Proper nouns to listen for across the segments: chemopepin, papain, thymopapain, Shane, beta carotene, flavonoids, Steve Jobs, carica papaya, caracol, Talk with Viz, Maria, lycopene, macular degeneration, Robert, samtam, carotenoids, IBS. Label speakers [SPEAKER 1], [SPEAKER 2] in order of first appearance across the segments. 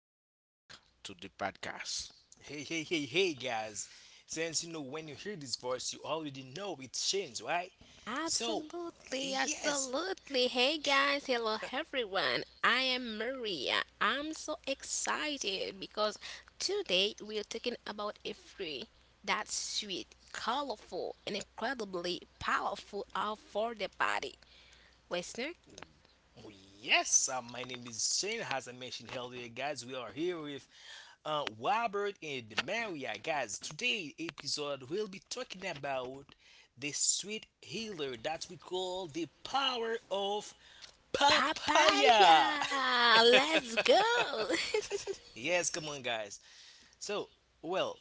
[SPEAKER 1] Welcome back to the podcast.
[SPEAKER 2] Hey, hey, hey, hey, guys. Since you know when you hear this voice, you already know it's Shane's, right? So,
[SPEAKER 3] Absolutely,
[SPEAKER 2] yes,
[SPEAKER 3] absolutely. Hey guys, hello everyone. I am Maria. I'm so excited because today we are talking about a fruit that's sweet, colorful, and incredibly powerful out for the body. Listener,
[SPEAKER 2] oh, yes, my name is Shane. As I mentioned earlier, guys, we are here with Robert and Maria, guys. Today episode, we'll be talking about the sweet healer that we call the power of
[SPEAKER 3] papaya.
[SPEAKER 2] papaya.
[SPEAKER 3] Let's go.
[SPEAKER 2] Yes, come on, guys. So, well,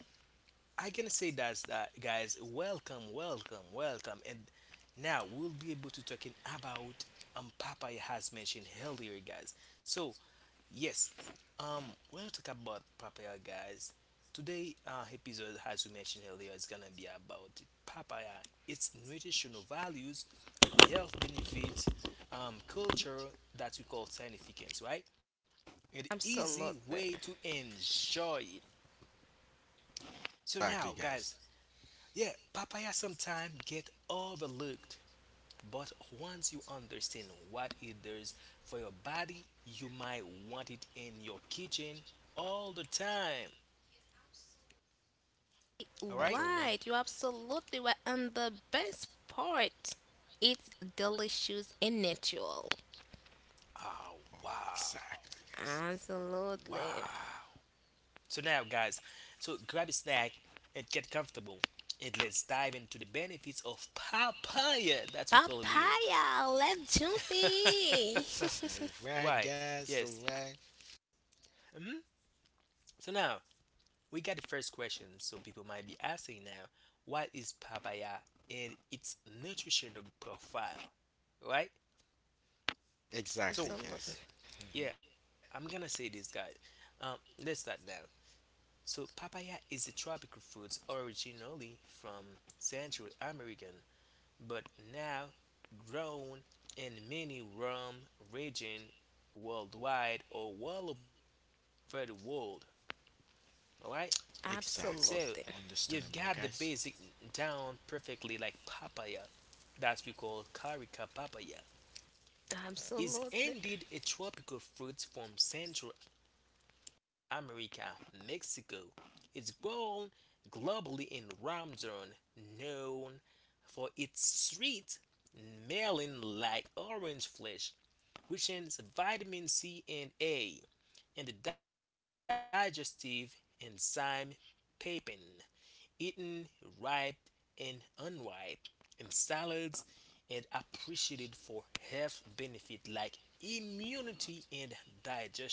[SPEAKER 2] I can say that's that, guys. Welcome, welcome, welcome. And now we'll be able to talking about papaya has mentioned earlier, guys. So yes, um, we when to talk about papaya, guys, today episode as we mentioned earlier is gonna be about papaya, its nutritional values, health benefits, culture that we call significance, right? An easy
[SPEAKER 3] absolutely.
[SPEAKER 2] way to enjoy it. So
[SPEAKER 1] Exactly,
[SPEAKER 2] now,
[SPEAKER 1] guys.
[SPEAKER 2] guys, yeah, papaya sometimes get overlooked, but once you understand what it does for your body, you might want it in your kitchen all the time. All right?
[SPEAKER 1] Exactly, right
[SPEAKER 3] Right, you
[SPEAKER 1] away.
[SPEAKER 3] absolutely were on the best part. It's delicious and natural.
[SPEAKER 2] Oh,
[SPEAKER 1] Oh, exactly,
[SPEAKER 2] wow.
[SPEAKER 1] guys.
[SPEAKER 3] Absolutely.
[SPEAKER 2] Wow. So now, guys, so grab a snack and get comfortable. And let's dive into the benefits of papaya that we call it here.
[SPEAKER 3] Papaya, let's jump in.
[SPEAKER 1] Alright,
[SPEAKER 2] Why?
[SPEAKER 1] guys. Alright.
[SPEAKER 2] Yes. hmm So now, we got the first question, so people might be asking now, what is papaya and its nutritional profile, right?
[SPEAKER 1] Exactly,
[SPEAKER 2] So
[SPEAKER 3] Absolutely.
[SPEAKER 1] guys.
[SPEAKER 2] yeah, I'm gonna say this, guys. Um, let's start now. So papaya is a tropical fruit originally from Central American, but now grown in many warm region worldwide or all over the world. All right. So
[SPEAKER 1] Exactly.
[SPEAKER 2] you've
[SPEAKER 3] Absolutely.
[SPEAKER 2] got the
[SPEAKER 1] Understandable,
[SPEAKER 2] basic
[SPEAKER 1] guys.
[SPEAKER 2] down perfectly, like papaya, that we call carica papaya, is
[SPEAKER 3] Absolutely.
[SPEAKER 2] indeed a tropical fruit from Central America, Mexico. It's grown globally in Ramzan, known for its sweet, melon like orange flesh, which has vitamin C and A, and the digestive enzyme pepin eaten ripe and unripe in salads and appreciated for health benefit like immunity and digestions, guys.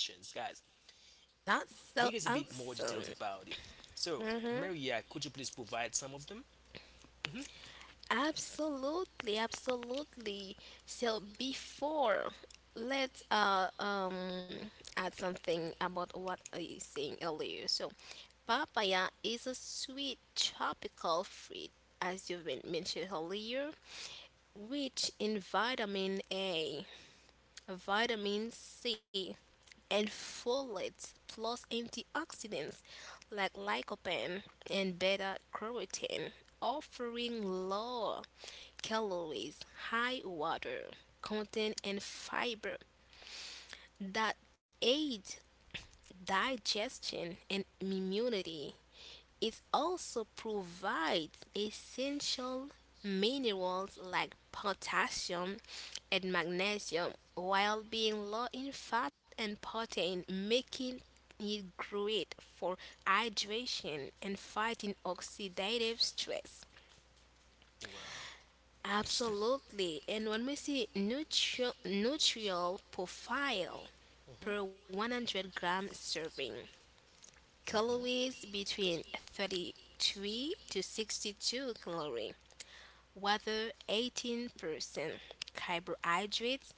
[SPEAKER 2] Here is a bit more details about
[SPEAKER 3] That's
[SPEAKER 2] it,
[SPEAKER 3] so
[SPEAKER 2] so
[SPEAKER 3] awesome.
[SPEAKER 2] Maria, could you please provide some of
[SPEAKER 3] Mm-hmm.
[SPEAKER 2] them? hmm
[SPEAKER 3] Absolutely, absolutely. So before, let's add something about what I was saying earlier. So papaya is a sweet tropical fruit, as you've been mentioned earlier, rich in vitamin A, vitamin C, and folate, plus antioxidants like lycopene and beta carotene, offering low calories, high water content, and fiber that aid digestion and immunity. It also provides essential minerals like potassium and magnesium while being low in fat and protein, making it great for hydration and fighting oxidative stress.
[SPEAKER 2] wow
[SPEAKER 1] Understand?
[SPEAKER 3] Absolutely. And when we see nutritional profile per
[SPEAKER 2] Mm-hmm.
[SPEAKER 3] 100-gram serving, calories between 33 to 62 calories, water 18%, carbohydrates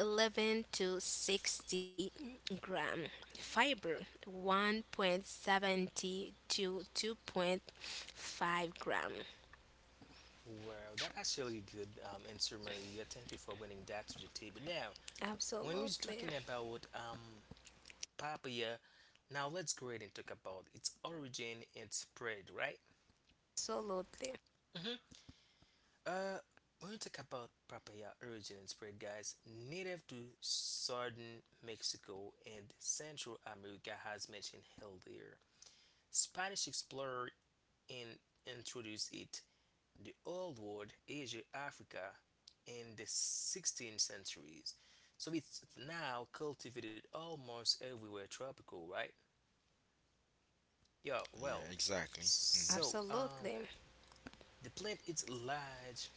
[SPEAKER 3] 11 to 60 gram, fiber 1.70 to 2.5 gram.
[SPEAKER 2] Mm-hmm. Wow, that actually good answer, Maria. Thank you for bringing that to the table. Now, when we're
[SPEAKER 3] Absolutely.
[SPEAKER 2] talking about papaya. Now let's go ahead and talk about its origin and spread, right?
[SPEAKER 3] Absolutely.
[SPEAKER 2] hmm Uh, when we talk about papaya origin and spread, guys, native to southern Mexico and Central America, as mentioned earlier, Spanish explorer in introduced it the old world, Asia, Africa, in the 16th centuries. So it's now cultivated almost everywhere tropical, right? Yeah,
[SPEAKER 1] Yeah,
[SPEAKER 2] well,
[SPEAKER 1] exactly. Mhm.
[SPEAKER 2] so um,
[SPEAKER 3] Absolutely.
[SPEAKER 2] the plant is large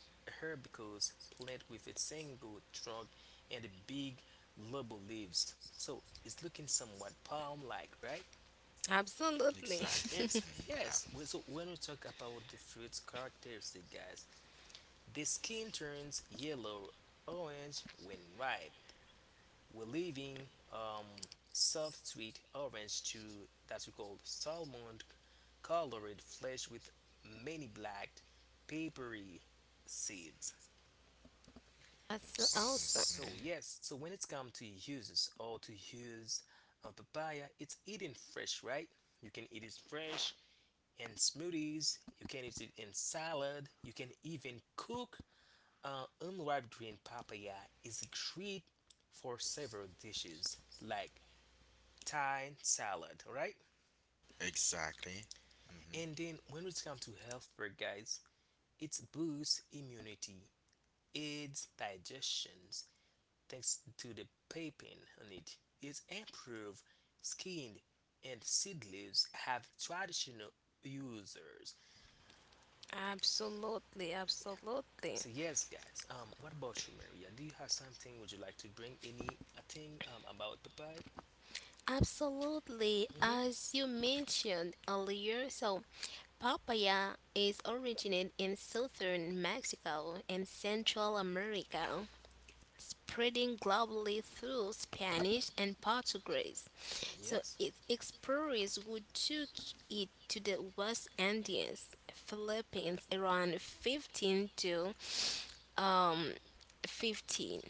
[SPEAKER 2] herbaceous plant with a single trunk and a big lobe leaves. So it's looking somewhat palm-like, right?
[SPEAKER 3] Absolutely.
[SPEAKER 1] Exactly.
[SPEAKER 2] And
[SPEAKER 1] Mhm. Ah,
[SPEAKER 2] when we talk about the fruit's characteristic, guys, the skin turns yellow orange when ripe. We're leaving soft sweet orange to that's we call salmon colored flesh with many black papery seeds.
[SPEAKER 3] That's awesome.
[SPEAKER 2] So yes, so when it's come to uses or to use a papaya, it's eaten fresh, right? You can eat it fresh in smoothies, you can eat it in salad, you can even cook unripe green papaya is great for several dishes like Thai salad, right?
[SPEAKER 1] exactly. Mhm.
[SPEAKER 2] And then when it comes to health food, guys, it boosts immunity, aids digestion thanks to the papain on it. It improves skin, and seed leaves have traditional users.
[SPEAKER 3] Absolutely. Absolutely.
[SPEAKER 2] So yes, guys. What about you, Maria? Do you have something? Would you like to bring any a thing about papaya?
[SPEAKER 3] Absolutely.
[SPEAKER 2] Mm-hmm.
[SPEAKER 3] As you mentioned earlier, so papaya is originated in southern Mexico and Central America, spreading globally through Spanish and Portuguese. So
[SPEAKER 2] Yes.
[SPEAKER 3] its explorers who took it to the West Indies, Philippines around 15 to um 15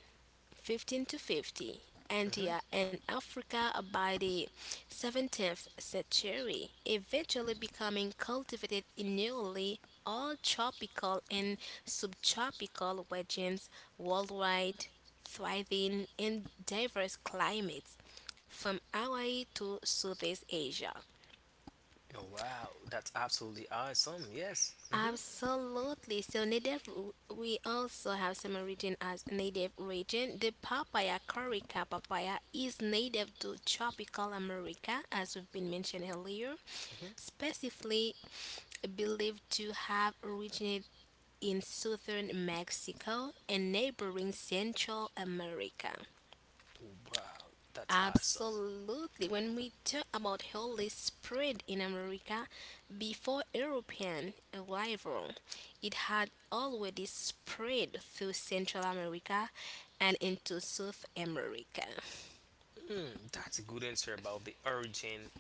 [SPEAKER 3] 15 to 50,
[SPEAKER 2] Mm-hmm.
[SPEAKER 3] India and Africa by the 17th century, eventually becoming cultivated in nearly all tropical and subtropical regions worldwide, thriving in diverse climates from Hawaii to Southeast Asia.
[SPEAKER 2] Oh wow, that's absolutely awesome. Yes. Mm-hmm.
[SPEAKER 3] Absolutely. So native, we also have some origin as native region. The papaya corica papaya is native to tropical America, as we've been mentioned earlier,
[SPEAKER 2] Mm-hmm.
[SPEAKER 3] specifically believed to have originated in southern Mexico and neighboring Central America.
[SPEAKER 2] Oh, wow, that's awesome.
[SPEAKER 3] Absolutely. When we talk about holy spread in America before European arrival, it had already spread through Central America and into South America.
[SPEAKER 2] Mm, that's a good answer about the origin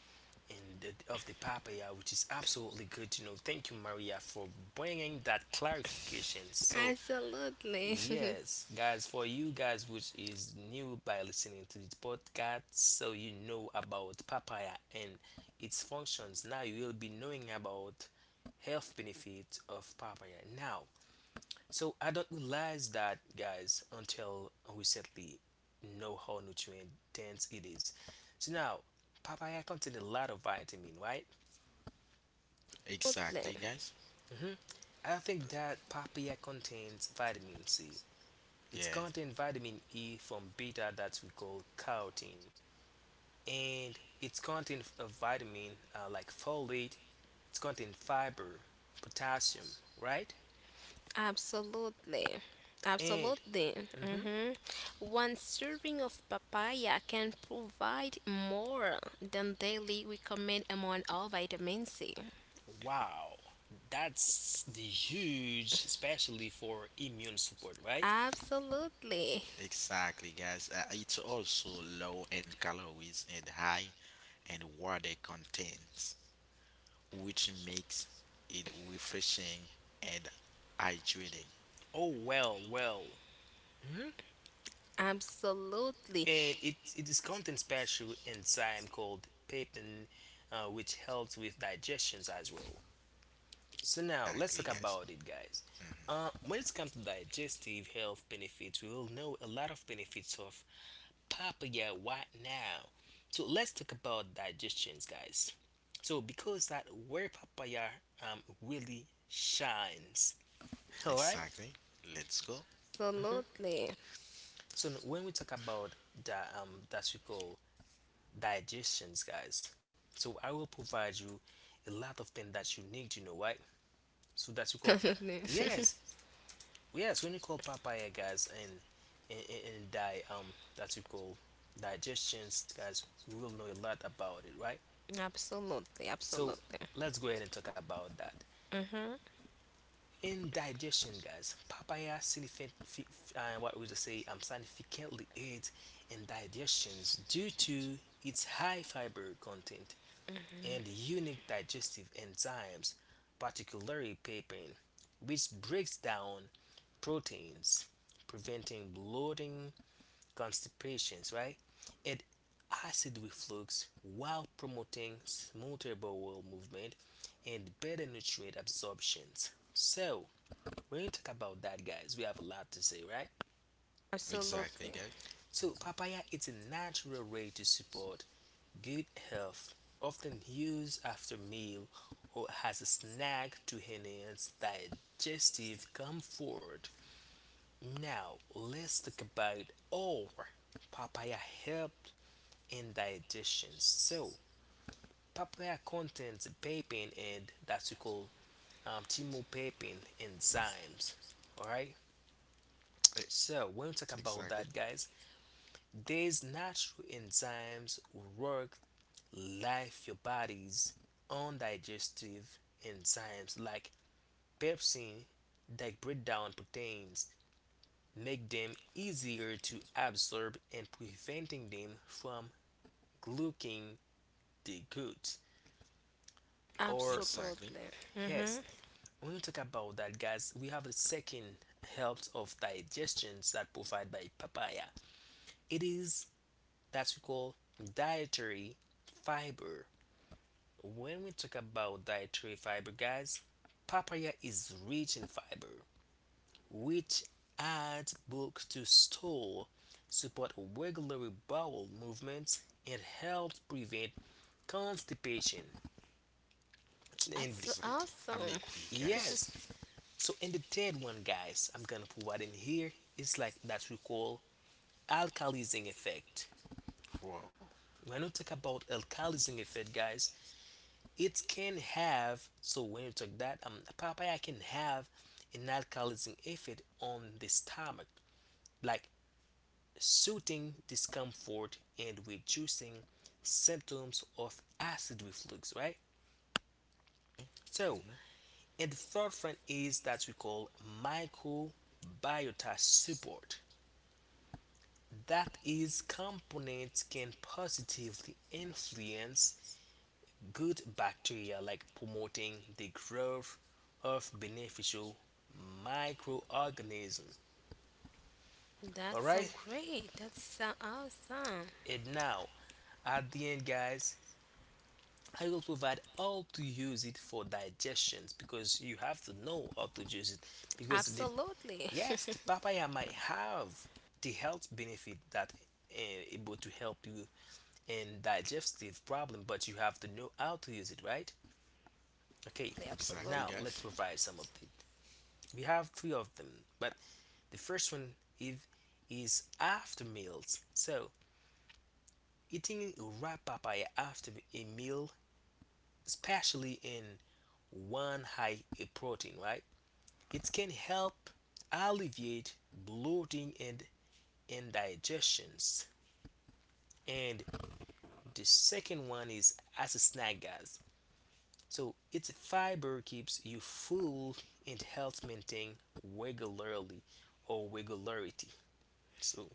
[SPEAKER 2] and the, of the papaya, which is absolutely good to know. Thank you, Maria, for bringing that clarification. So,
[SPEAKER 3] Absolutely.
[SPEAKER 2] yes, guys, for you guys, which is new by listening to this podcast, so you know about papaya and its functions. Now you will be knowing about health benefits of papaya. Now, so I don't realize that, guys, until recently, know how nutrient dense it is. So now, papaya contains a lot of vitamin, right?
[SPEAKER 3] Absolutely.
[SPEAKER 1] Exactly, guys.
[SPEAKER 2] hmm I think that papaya contains vitamin C. It
[SPEAKER 1] Yeah.
[SPEAKER 2] contains vitamin E from beta that we call carotene, and it contains a vitamin like folate. It contains fiber, potassium, right?
[SPEAKER 3] Absolutely.
[SPEAKER 2] And
[SPEAKER 3] Absolutely.
[SPEAKER 2] mhm,
[SPEAKER 3] Hmm. One serving of papaya can provide more than daily recommend amount of vitamin C.
[SPEAKER 2] wow, that's the huge, especially for immune support, right?
[SPEAKER 3] Absolutely.
[SPEAKER 1] Exactly, guys. It's also low in calories and high in water contents, which makes it refreshing and hydrating.
[SPEAKER 2] Oh well, well. hmm
[SPEAKER 3] Absolutely.
[SPEAKER 2] And it is contain special enzyme called pepin, which helps with digestions as well. So now let's talk
[SPEAKER 1] Exactly, guys.
[SPEAKER 2] about it, guys. When it's come to digestive health benefits, we will know a lot of benefits of papaya right now. So let's talk about digestions, guys. So because that where papaya really shines, all right.
[SPEAKER 1] Exactly. Let's go.
[SPEAKER 3] Absolutely.
[SPEAKER 2] So when we talk about that that we call digestions, guys. So I will provide you a lot of things that you need to know, right? So that we call,
[SPEAKER 3] absolutely.
[SPEAKER 2] yes, yes. When you call papaya, guys, and di that we call digestions, guys, we will know a lot about it, right?
[SPEAKER 3] Absolutely.
[SPEAKER 2] So
[SPEAKER 3] Absolutely.
[SPEAKER 2] let's go ahead and talk about that.
[SPEAKER 3] Mm-hmm.
[SPEAKER 2] In digestion, guys, papaya significant, what would you say, significantly aids in digestions due to its high fiber content and unique digestive enzymes, particularly papain, which breaks down proteins, preventing bloating constipations, right? And acid reflux while promoting smoother bowel movement and better nutrient absorptions. So, when you talk about that, guys, we have a lot to say, right?
[SPEAKER 1] Exactly,
[SPEAKER 3] Absolutely.
[SPEAKER 1] guys.
[SPEAKER 2] So,
[SPEAKER 1] Hmm
[SPEAKER 2] papaya is a natural way to support good health, often used after meal or as a snack to enhance digestive comfort. Now, let's talk about all papaya help and digestions. So papaya contains papain and that's we call thymopapain enzymes. All right. So when we talk about
[SPEAKER 1] Exactly.
[SPEAKER 2] that, guys, these natural enzymes work like your body's undigestive enzymes, like pepsin, that break down proteins, make them easier to absorb and preventing them from glucking the good. Or
[SPEAKER 1] Exactly.
[SPEAKER 3] Absolutely.
[SPEAKER 2] yes,
[SPEAKER 3] Mm-hmm.
[SPEAKER 2] when we talk about that, guys, we have a second helps of digestions that provide by papaya. It is that we call dietary fiber. When we talk about dietary fiber, guys, papaya is rich in fiber, which adds bulk to stool, support regular bowel movements, and helps prevent constipation. And
[SPEAKER 3] That's so
[SPEAKER 1] Exactly. I'm
[SPEAKER 3] awesome.
[SPEAKER 1] agree, guys.
[SPEAKER 2] yes, so in the third one, guys, I'm gonna provide in here is like that we call alkalizing effect.
[SPEAKER 1] Wow.
[SPEAKER 2] When we talk about alkalizing effect, guys, it can have so when you talk that papaya can have an alkalizing effect on the stomach, like soothing discomfort and reducing symptoms of acid reflux, right? So,
[SPEAKER 1] hmm
[SPEAKER 2] and the third one is that we call microbiota support. That is components can positively influence good bacteria like promoting the growth of beneficial microorganisms. All
[SPEAKER 3] That's
[SPEAKER 2] right,
[SPEAKER 3] so great. That's so awesome.
[SPEAKER 2] and now at the end, guys, I will provide how to use it for digestions, because you have to know how to use it because the
[SPEAKER 3] Absolutely.
[SPEAKER 2] yes the papaya might have the health benefit that uh, able to help you and digestive problem, but you have to know how to use it, right? Okay,
[SPEAKER 1] Exactly,
[SPEAKER 2] now let's
[SPEAKER 1] guys.
[SPEAKER 3] Absolutely.
[SPEAKER 2] provide some of them. We have three of them, but the first one is after meals. So eating a ripe papaya after a meal, especially in one high in protein, right, it can help alleviate bloating and indigestions. And the second one is as a snack, guys. So its fiber keeps you full and helps maintain regularly or regularity. So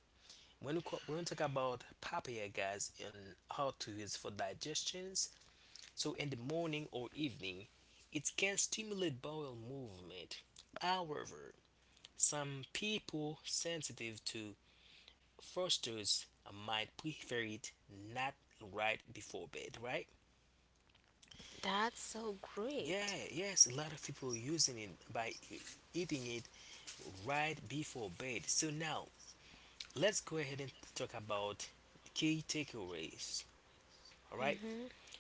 [SPEAKER 2] when we, when we talk about papaya guys and how to use for digestions, so in the morning or evening, it can stimulate bowel movement. However, some people sensitive to fructose might prefer it not right before bed, right?
[SPEAKER 3] That's so
[SPEAKER 2] Yeah,
[SPEAKER 3] great.
[SPEAKER 2] yes, a lot of people using it by eating it right before bed. So now let's go ahead and talk about key takeaways. All right.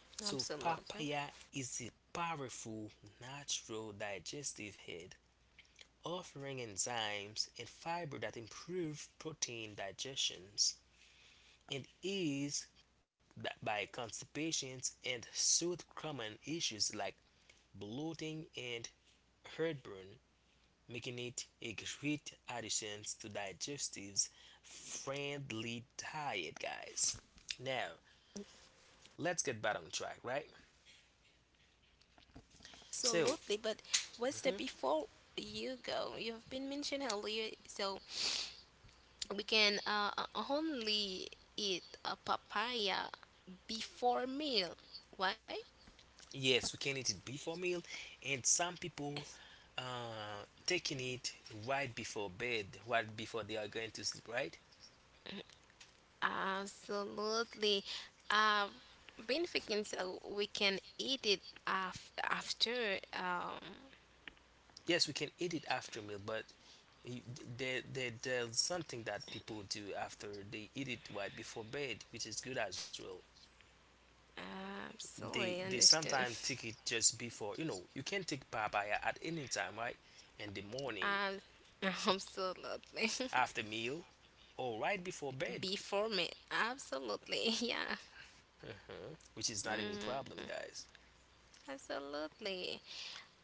[SPEAKER 2] So
[SPEAKER 3] Absolutely.
[SPEAKER 2] papaya is a powerful natural digestive aid offering enzymes and fiber that improve protein digestions and ease by constipations and soothe common issues like bloating and heartburn, making it a great addition to digestive's friendly diet, guys. Now, let's get back on track, right? So,
[SPEAKER 3] Absolutely. But what's the
[SPEAKER 2] mhm,
[SPEAKER 3] before you go? You've been mentioned earlier, so we can only eat a papaya before meal. Why?
[SPEAKER 2] yes, we can eat it before meal, and some people taking it right before bed, right before they are going to sleep, right?
[SPEAKER 3] Absolutely. I've been thinking, so we can eat it after
[SPEAKER 2] Yes, we can eat it after meal, but you- there's something that people do after they eat it right before bed, which is good as well. They
[SPEAKER 3] absolutely, understand.
[SPEAKER 2] sometimes take it just before, you know, you can take papaya at any time, right? In the morning,
[SPEAKER 3] uh, absolutely.
[SPEAKER 2] after meal, or right before bed,
[SPEAKER 3] Before me, absolutely. Yeah.
[SPEAKER 2] uh, which is not any
[SPEAKER 3] Mm,
[SPEAKER 2] problem, guys.
[SPEAKER 3] absolutely.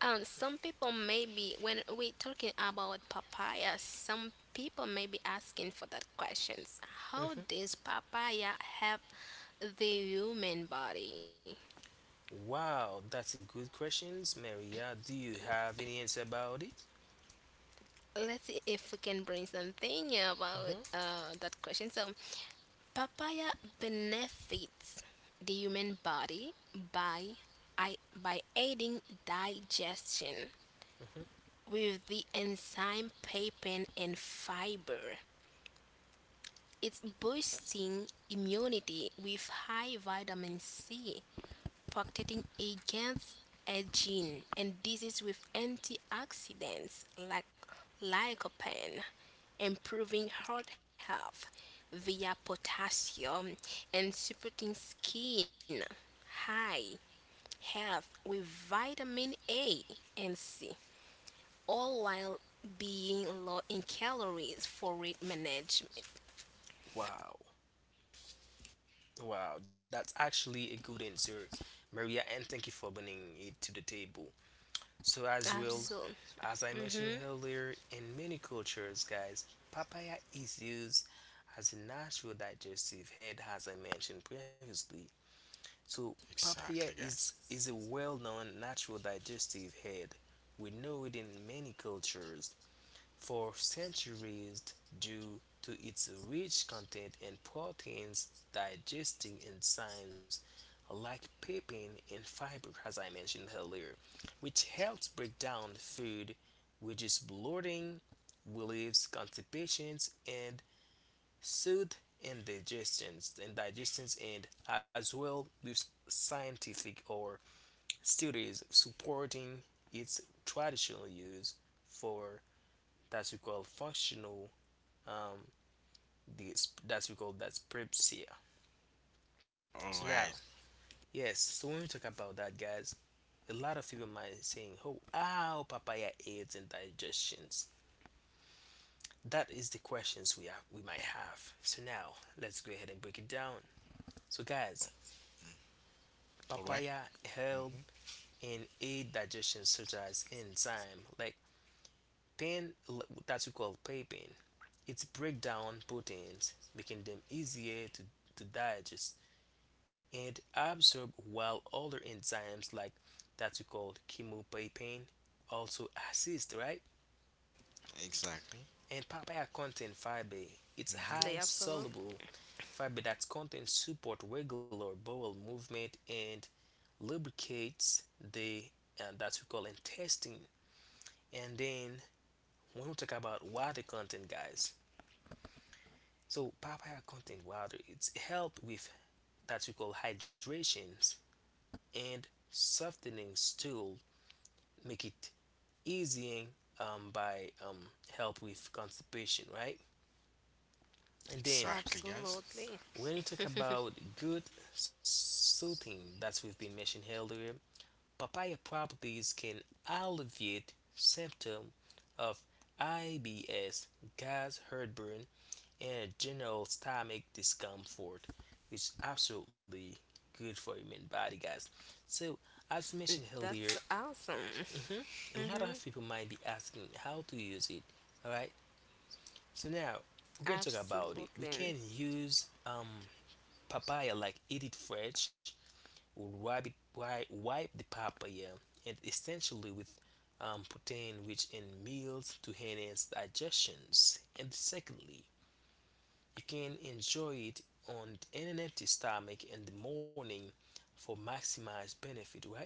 [SPEAKER 3] And some people may be, when we're talking about papaya, some people may be asking for that questions. How
[SPEAKER 2] Mhm.
[SPEAKER 3] does papaya help the human body?
[SPEAKER 2] Wow, that's a good questions, Maria, do you have any answer about it?
[SPEAKER 3] Let's see if we can bring something about that question. So, papaya benefits the human body by by aiding digestion with the enzyme papain and fiber. It's boosting immunity with high vitamin C, protecting against aging and disease with antioxidants like lycopene, improving heart health via potassium, and supporting skin high health with vitamin A and C, all while being low in calories for weight management.
[SPEAKER 2] Wow. Wow, that's actually a good answer, Maria, and thank you for bringing it to the table. So as well,
[SPEAKER 3] Absolutely.
[SPEAKER 2] as I mentioned
[SPEAKER 3] Hmm.
[SPEAKER 2] earlier, in many cultures, guys, papaya is used as a natural digestive aid, as I mentioned previously. So, papaya
[SPEAKER 1] Exactly, guys.
[SPEAKER 2] is a well known natural digestive aid. We know it in many cultures for centuries due to its rich content in proteins, digesting enzymes like pepin and fiber, as I mentioned earlier, which helps break down food, reduce bloating, relieves constipations, and soothe indigestions and digestions, and as well with scientific or studies supporting its traditional use for that we call functional, um this that's we call that's prepsia.
[SPEAKER 1] All
[SPEAKER 2] So
[SPEAKER 1] right.
[SPEAKER 2] now, yes, so when we talk about that, guys, a lot of people might be saying, oh, how papaya aids in digestions. That is the questions we might have. So now let's go ahead and break it down. So, guys,
[SPEAKER 1] All right.
[SPEAKER 2] papaya help
[SPEAKER 1] Mm-hmm.
[SPEAKER 2] in aid digestion such as enzyme like pain, that we call papain. It's break down proteins, making them easier to digest and absorb, while other enzymes like that we call chemopepin also assist, right?
[SPEAKER 1] Exactly.
[SPEAKER 2] And papaya
[SPEAKER 3] Absolutely,
[SPEAKER 2] contains
[SPEAKER 3] absolutely,
[SPEAKER 2] fiber, it's high
[SPEAKER 1] Mm-hmm.
[SPEAKER 2] in soluble fiber that contains support regular bowel movement and lubricates the, and that we call intestine. And then, when we talk about water content, guys, so papaya contains water, it's help with that we call hydrations and softening stool, make it easing, by help with constipation, right? And then,
[SPEAKER 1] Exactly,
[SPEAKER 3] absolutely.
[SPEAKER 1] guys.
[SPEAKER 2] when we talk about good soothing that we've been mentioned earlier, papaya properties can alleviate symptom of IBS, gas, heartburn, and general stomach discomfort, which is absolutely good for human body, guys. So, as
[SPEAKER 3] That's
[SPEAKER 2] mentioned earlier,
[SPEAKER 3] awesome.
[SPEAKER 2] mhm, a lot of people might be asking how to use it. All right, so now we're going to talk
[SPEAKER 3] Absolutely.
[SPEAKER 2] about it. We can use papaya like eat it fresh or wipe the papaya, and essentially with protein rich in meals to enhance digestions. And secondly, you can enjoy it on an empty stomach in the morning for maximized benefit, right?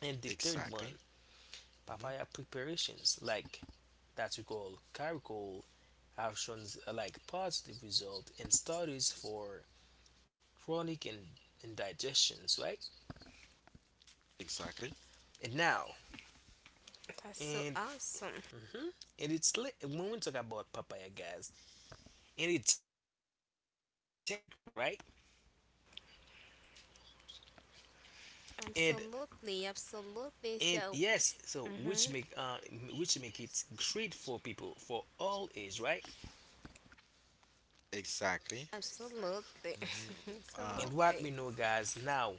[SPEAKER 2] And the third
[SPEAKER 1] Exactly.
[SPEAKER 2] one,
[SPEAKER 1] Mhm.
[SPEAKER 2] papaya preparations like that we call caracol have shown like positive result in studies for chronic indigestions, right?
[SPEAKER 1] Exactly.
[SPEAKER 2] And now,
[SPEAKER 3] That's so awesome.
[SPEAKER 2] and when we talk about papaya, guys, and it's gentle, no harsh effect, right?
[SPEAKER 3] Absolutely,
[SPEAKER 2] And
[SPEAKER 3] absolutely. So,
[SPEAKER 2] and yes,
[SPEAKER 3] hmm,
[SPEAKER 2] so which make it great for people for all age, right?
[SPEAKER 1] Exactly.
[SPEAKER 3] absolutely,
[SPEAKER 1] hmm
[SPEAKER 3] absolutely,
[SPEAKER 1] Uh,
[SPEAKER 2] And what we know, guys, now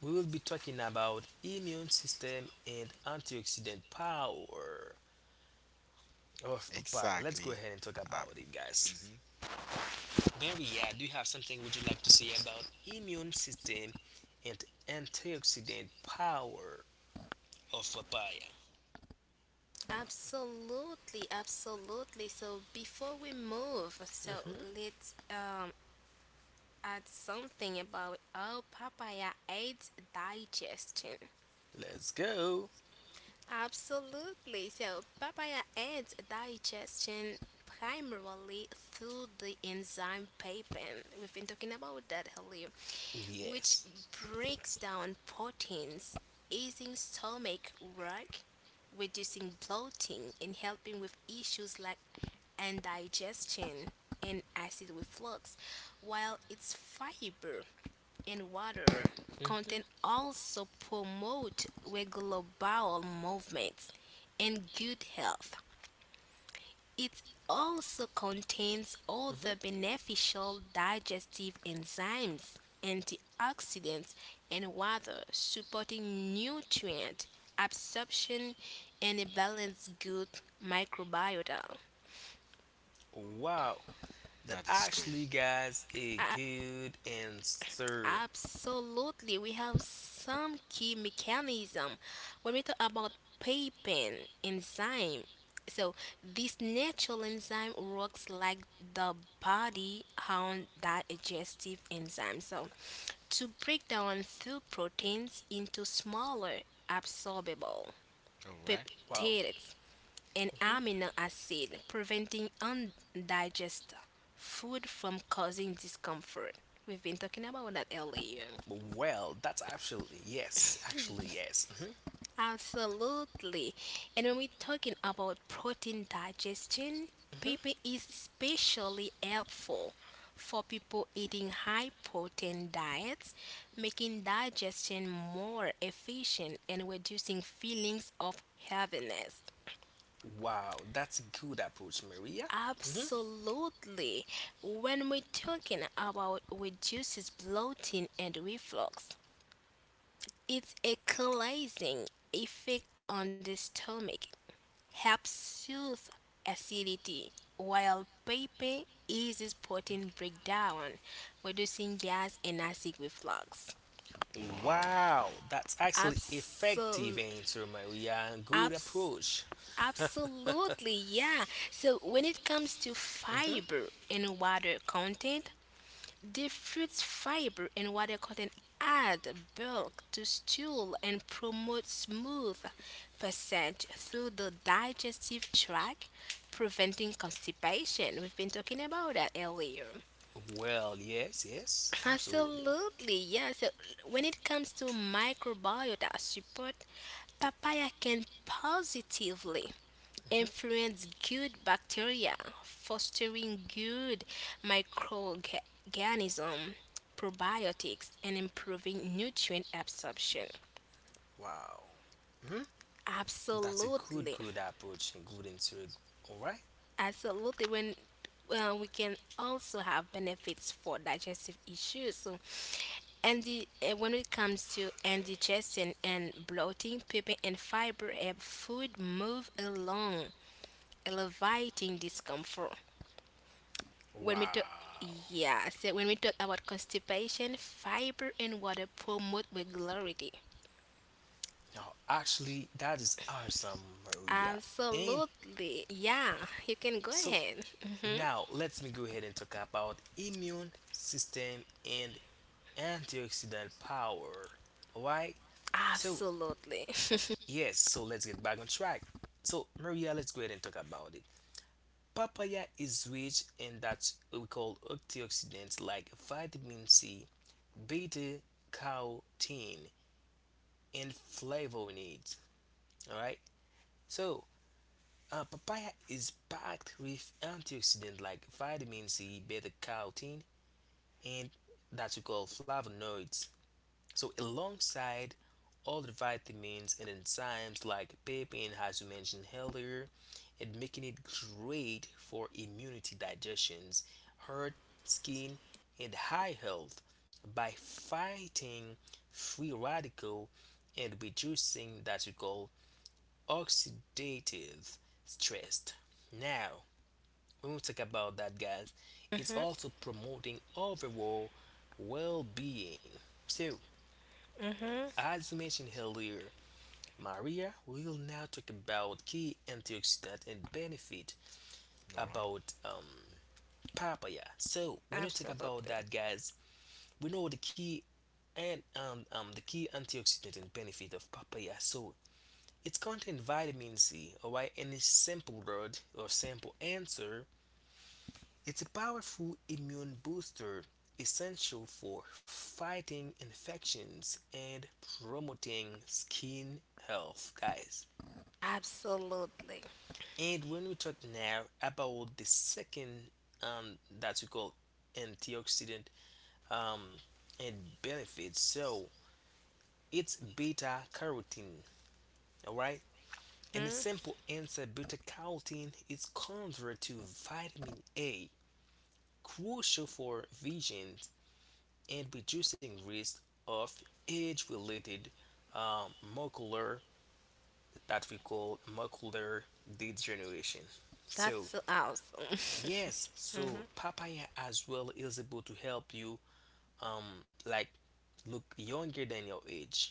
[SPEAKER 2] we will be talking about immune system and antioxidant power. Oh, papaya. Let's go
[SPEAKER 1] exactly.
[SPEAKER 2] ahead and talk
[SPEAKER 1] Um.
[SPEAKER 2] about it, guys.
[SPEAKER 1] Mhm.
[SPEAKER 2] Maria, do you have something would you like to say about immune system and antioxidant power of papaya?
[SPEAKER 3] absolutely, absolutely. So, before we move, so
[SPEAKER 2] Mhm.
[SPEAKER 3] let's add something about how papaya aids digestion.
[SPEAKER 2] Let's go.
[SPEAKER 3] Absolutely. So, papaya aids digestion primarily through the enzyme papain. We've been talking about that earlier, which
[SPEAKER 2] Yes.
[SPEAKER 3] breaks down proteins, easing stomach work, reducing bloating, and helping with issues like indigestion and acid reflux, while its fiber and water
[SPEAKER 2] Mhm,
[SPEAKER 3] content also promote regular bowel movements and good health. It also contains
[SPEAKER 2] mhm.
[SPEAKER 3] other beneficial digestive enzymes, antioxidants, and water supporting nutrient absorption and a balanced gut microbiota.
[SPEAKER 2] Wow, that
[SPEAKER 1] That is great.
[SPEAKER 2] actually, guys, a
[SPEAKER 3] I,
[SPEAKER 2] good answer.
[SPEAKER 3] Absolutely, we have some key mechanism when we talk about papain enzyme. So this natural enzyme works like the body on digestive enzyme, so to break down food proteins into smaller absorbable
[SPEAKER 1] All right.
[SPEAKER 2] Wow.
[SPEAKER 3] peptides and
[SPEAKER 2] Mhm.
[SPEAKER 3] amino acid, preventing undigested food from causing discomfort. We've been talking about that earlier.
[SPEAKER 2] Well, that's actually yes,
[SPEAKER 3] Ye-
[SPEAKER 2] actually yes. Mhm,
[SPEAKER 3] Absolutely. And when we're talking about protein digestion,
[SPEAKER 2] mhm.
[SPEAKER 3] paper is especially helpful for people eating high protein diets, making digestion more efficient and reducing feelings of heaviness.
[SPEAKER 2] Wow, that's a good approach, Maria. Mhm.
[SPEAKER 3] Absolutely. When we're talking about reduces bloating and reflux, it's a cleansing effect on the stomach, helps soothe acidity, while pepper eases protein breakdown, reducing gas and acid reflux.
[SPEAKER 1] Wow.
[SPEAKER 2] Wow, that's actually effective
[SPEAKER 3] Absol-
[SPEAKER 2] answer, Maria. Good
[SPEAKER 3] abs-
[SPEAKER 2] approach.
[SPEAKER 3] absolutely, yeah. So when it comes to
[SPEAKER 2] Mhm.
[SPEAKER 3] fiber and water content, the fruit's fiber and water content add bulk to stool and promote smooth passage through the digestive tract, preventing constipation. We've been talking about that earlier.
[SPEAKER 2] Well, yes, yes, absolutely.
[SPEAKER 3] Absolutely, yes. So when it comes to microbiota support, papaya can positively
[SPEAKER 2] Mhm.
[SPEAKER 3] influence good bacteria, fostering good microorganisms, probiotics, and improving nutrient absorption.
[SPEAKER 2] Wow. Mhm. That's a good,
[SPEAKER 3] Absolutely.
[SPEAKER 2] good approach and good answer. All right.
[SPEAKER 3] Absolutely. When well, we can also have benefits for digestive issues. So, when it comes to indigestion and bloating, pepper and fiber help food move along, elevating discomfort.
[SPEAKER 2] Wow.
[SPEAKER 3] When we talk yeah, so when we talk about constipation, fiber and water promote regularity.
[SPEAKER 2] Now, actually, that is awesome, Maria. And
[SPEAKER 3] Absolutely. Yeah, you can go
[SPEAKER 2] so,
[SPEAKER 3] ahead.
[SPEAKER 2] now, let me go ahead and talk about immune system and antioxidant power. Alright? So,
[SPEAKER 3] Absolutely.
[SPEAKER 2] yes, so let's get back on track. So, Maria, let's go ahead and talk about it. Papaya is rich in that we call antioxidants like vitamin C, beta carotene, and flavonoids. Alright? So, papaya is packed with antioxidants like vitamin C, beta carotene, and that we call flavonoids. So, alongside all the vitamins and enzymes like pepin, as we mentioned earlier, and making it great for immunity, digestions, heart, skin, and high health by fighting free radical and reducing that we call oxidative stress. Now, when we talk about that, guys, it's
[SPEAKER 3] Mhm.
[SPEAKER 2] also promoting overall well being. So, as we mentioned earlier, Maria, we will now talk about key antioxidant and benefit
[SPEAKER 1] All right.
[SPEAKER 2] about papaya. So, when we talk about
[SPEAKER 3] Absolutely.
[SPEAKER 2] that, guys, we know the key and the key antioxidant and benefit of papaya. So, it's contains vitamin C, alright, and a simple word or simple answer, it's a powerful immune booster essential for fighting infections and promoting skin health, guys.
[SPEAKER 3] Absolutely.
[SPEAKER 2] And when we talk now about the second um, that we call antioxidant, um, and benefits, so it's beta carotene, all right? And the
[SPEAKER 3] Mhm.
[SPEAKER 2] simple answer, beta carotene is converted to vitamin A, crucial for vision and reducing risk of age-related, macular, that we call macular degeneration.
[SPEAKER 3] That's
[SPEAKER 2] So,
[SPEAKER 3] so awesome.
[SPEAKER 2] yes,
[SPEAKER 3] Mhm.
[SPEAKER 2] so papaya as well is able to help you like look younger than your age.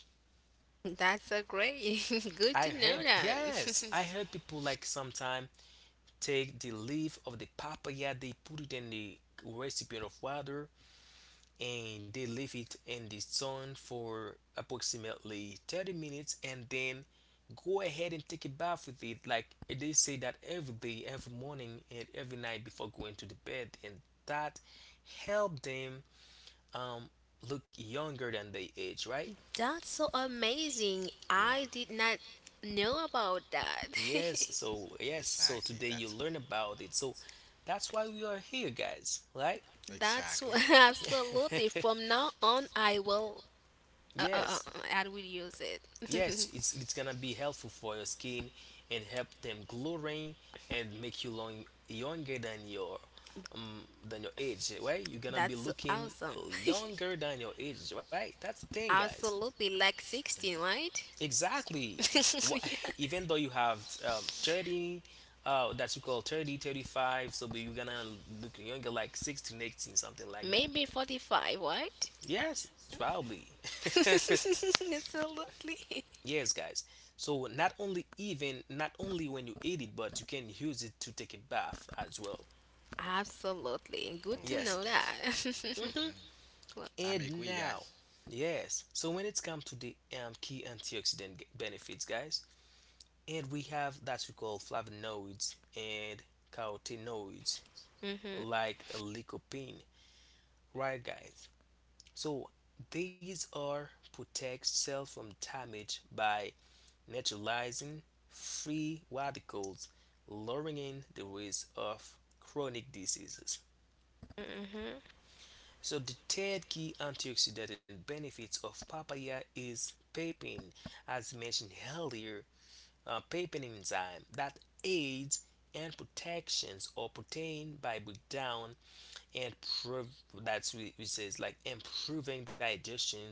[SPEAKER 3] That's so great. Good
[SPEAKER 2] I
[SPEAKER 3] to know
[SPEAKER 2] heard,
[SPEAKER 3] that.
[SPEAKER 2] yes, I heard people like sometime take the leaf of the papaya, they put it in the recipient of water, and they leave it in the sun for approximately 30 minutes, and then go ahead and take a bath with it, like they say that every day, every morning, and every night before going to the bed, and that help them um look younger than they age, right?
[SPEAKER 3] That's so amazing.
[SPEAKER 1] Wow.
[SPEAKER 3] I did not know about that.
[SPEAKER 2] Yes, so yes, so
[SPEAKER 1] Exactly.
[SPEAKER 2] today you
[SPEAKER 1] That's good.
[SPEAKER 2] learn about it. So that's why we are here, guys, right?
[SPEAKER 1] Exactly.
[SPEAKER 3] Absolutely. From now on, I will. Uh, uh, uh,
[SPEAKER 2] Yes.
[SPEAKER 3] I will use it.
[SPEAKER 2] Yes, it's gonna be helpful for your skin and help them glowing and make you long younger than your age, right? You're gonna be
[SPEAKER 3] That's
[SPEAKER 2] looking
[SPEAKER 3] awesome.
[SPEAKER 2] younger than your age, right? That's the thing, guys.
[SPEAKER 3] Absolutely, like 16, right?
[SPEAKER 2] Exactly. What,
[SPEAKER 3] yeah.
[SPEAKER 2] even though you have 30, that you call 30 35, so but you're gonna look younger like 16, 18, something like that.
[SPEAKER 3] Maybe 45, right?
[SPEAKER 2] Yes, probably.
[SPEAKER 3] absolutely.
[SPEAKER 2] Yes, guys. So, not only when you eat it, but you can use it to take a bath as well.
[SPEAKER 3] Absolutely.
[SPEAKER 1] All
[SPEAKER 3] Good to
[SPEAKER 1] right,
[SPEAKER 2] Yes.
[SPEAKER 3] know
[SPEAKER 1] guys.
[SPEAKER 3] that.
[SPEAKER 2] Hmm.
[SPEAKER 3] well,
[SPEAKER 1] I'm
[SPEAKER 2] And
[SPEAKER 1] agree,
[SPEAKER 2] now,
[SPEAKER 1] guys.
[SPEAKER 2] yes. So, when it's come to the key antioxidant benefits, guys, and we have that we call flavonoids and carotenoids,
[SPEAKER 3] mhm,
[SPEAKER 2] like lycopene, right, guys? So, these are protect cell from damage by neutralizing free radicals, lowering the risk of chronic diseases.
[SPEAKER 3] mhm.
[SPEAKER 2] So the third key antioxidant and benefits of papaya is papain, as mentioned earlier, a papain enzyme that aids and protections or protein by breakdown, and prov- that's what it says, like improving digestions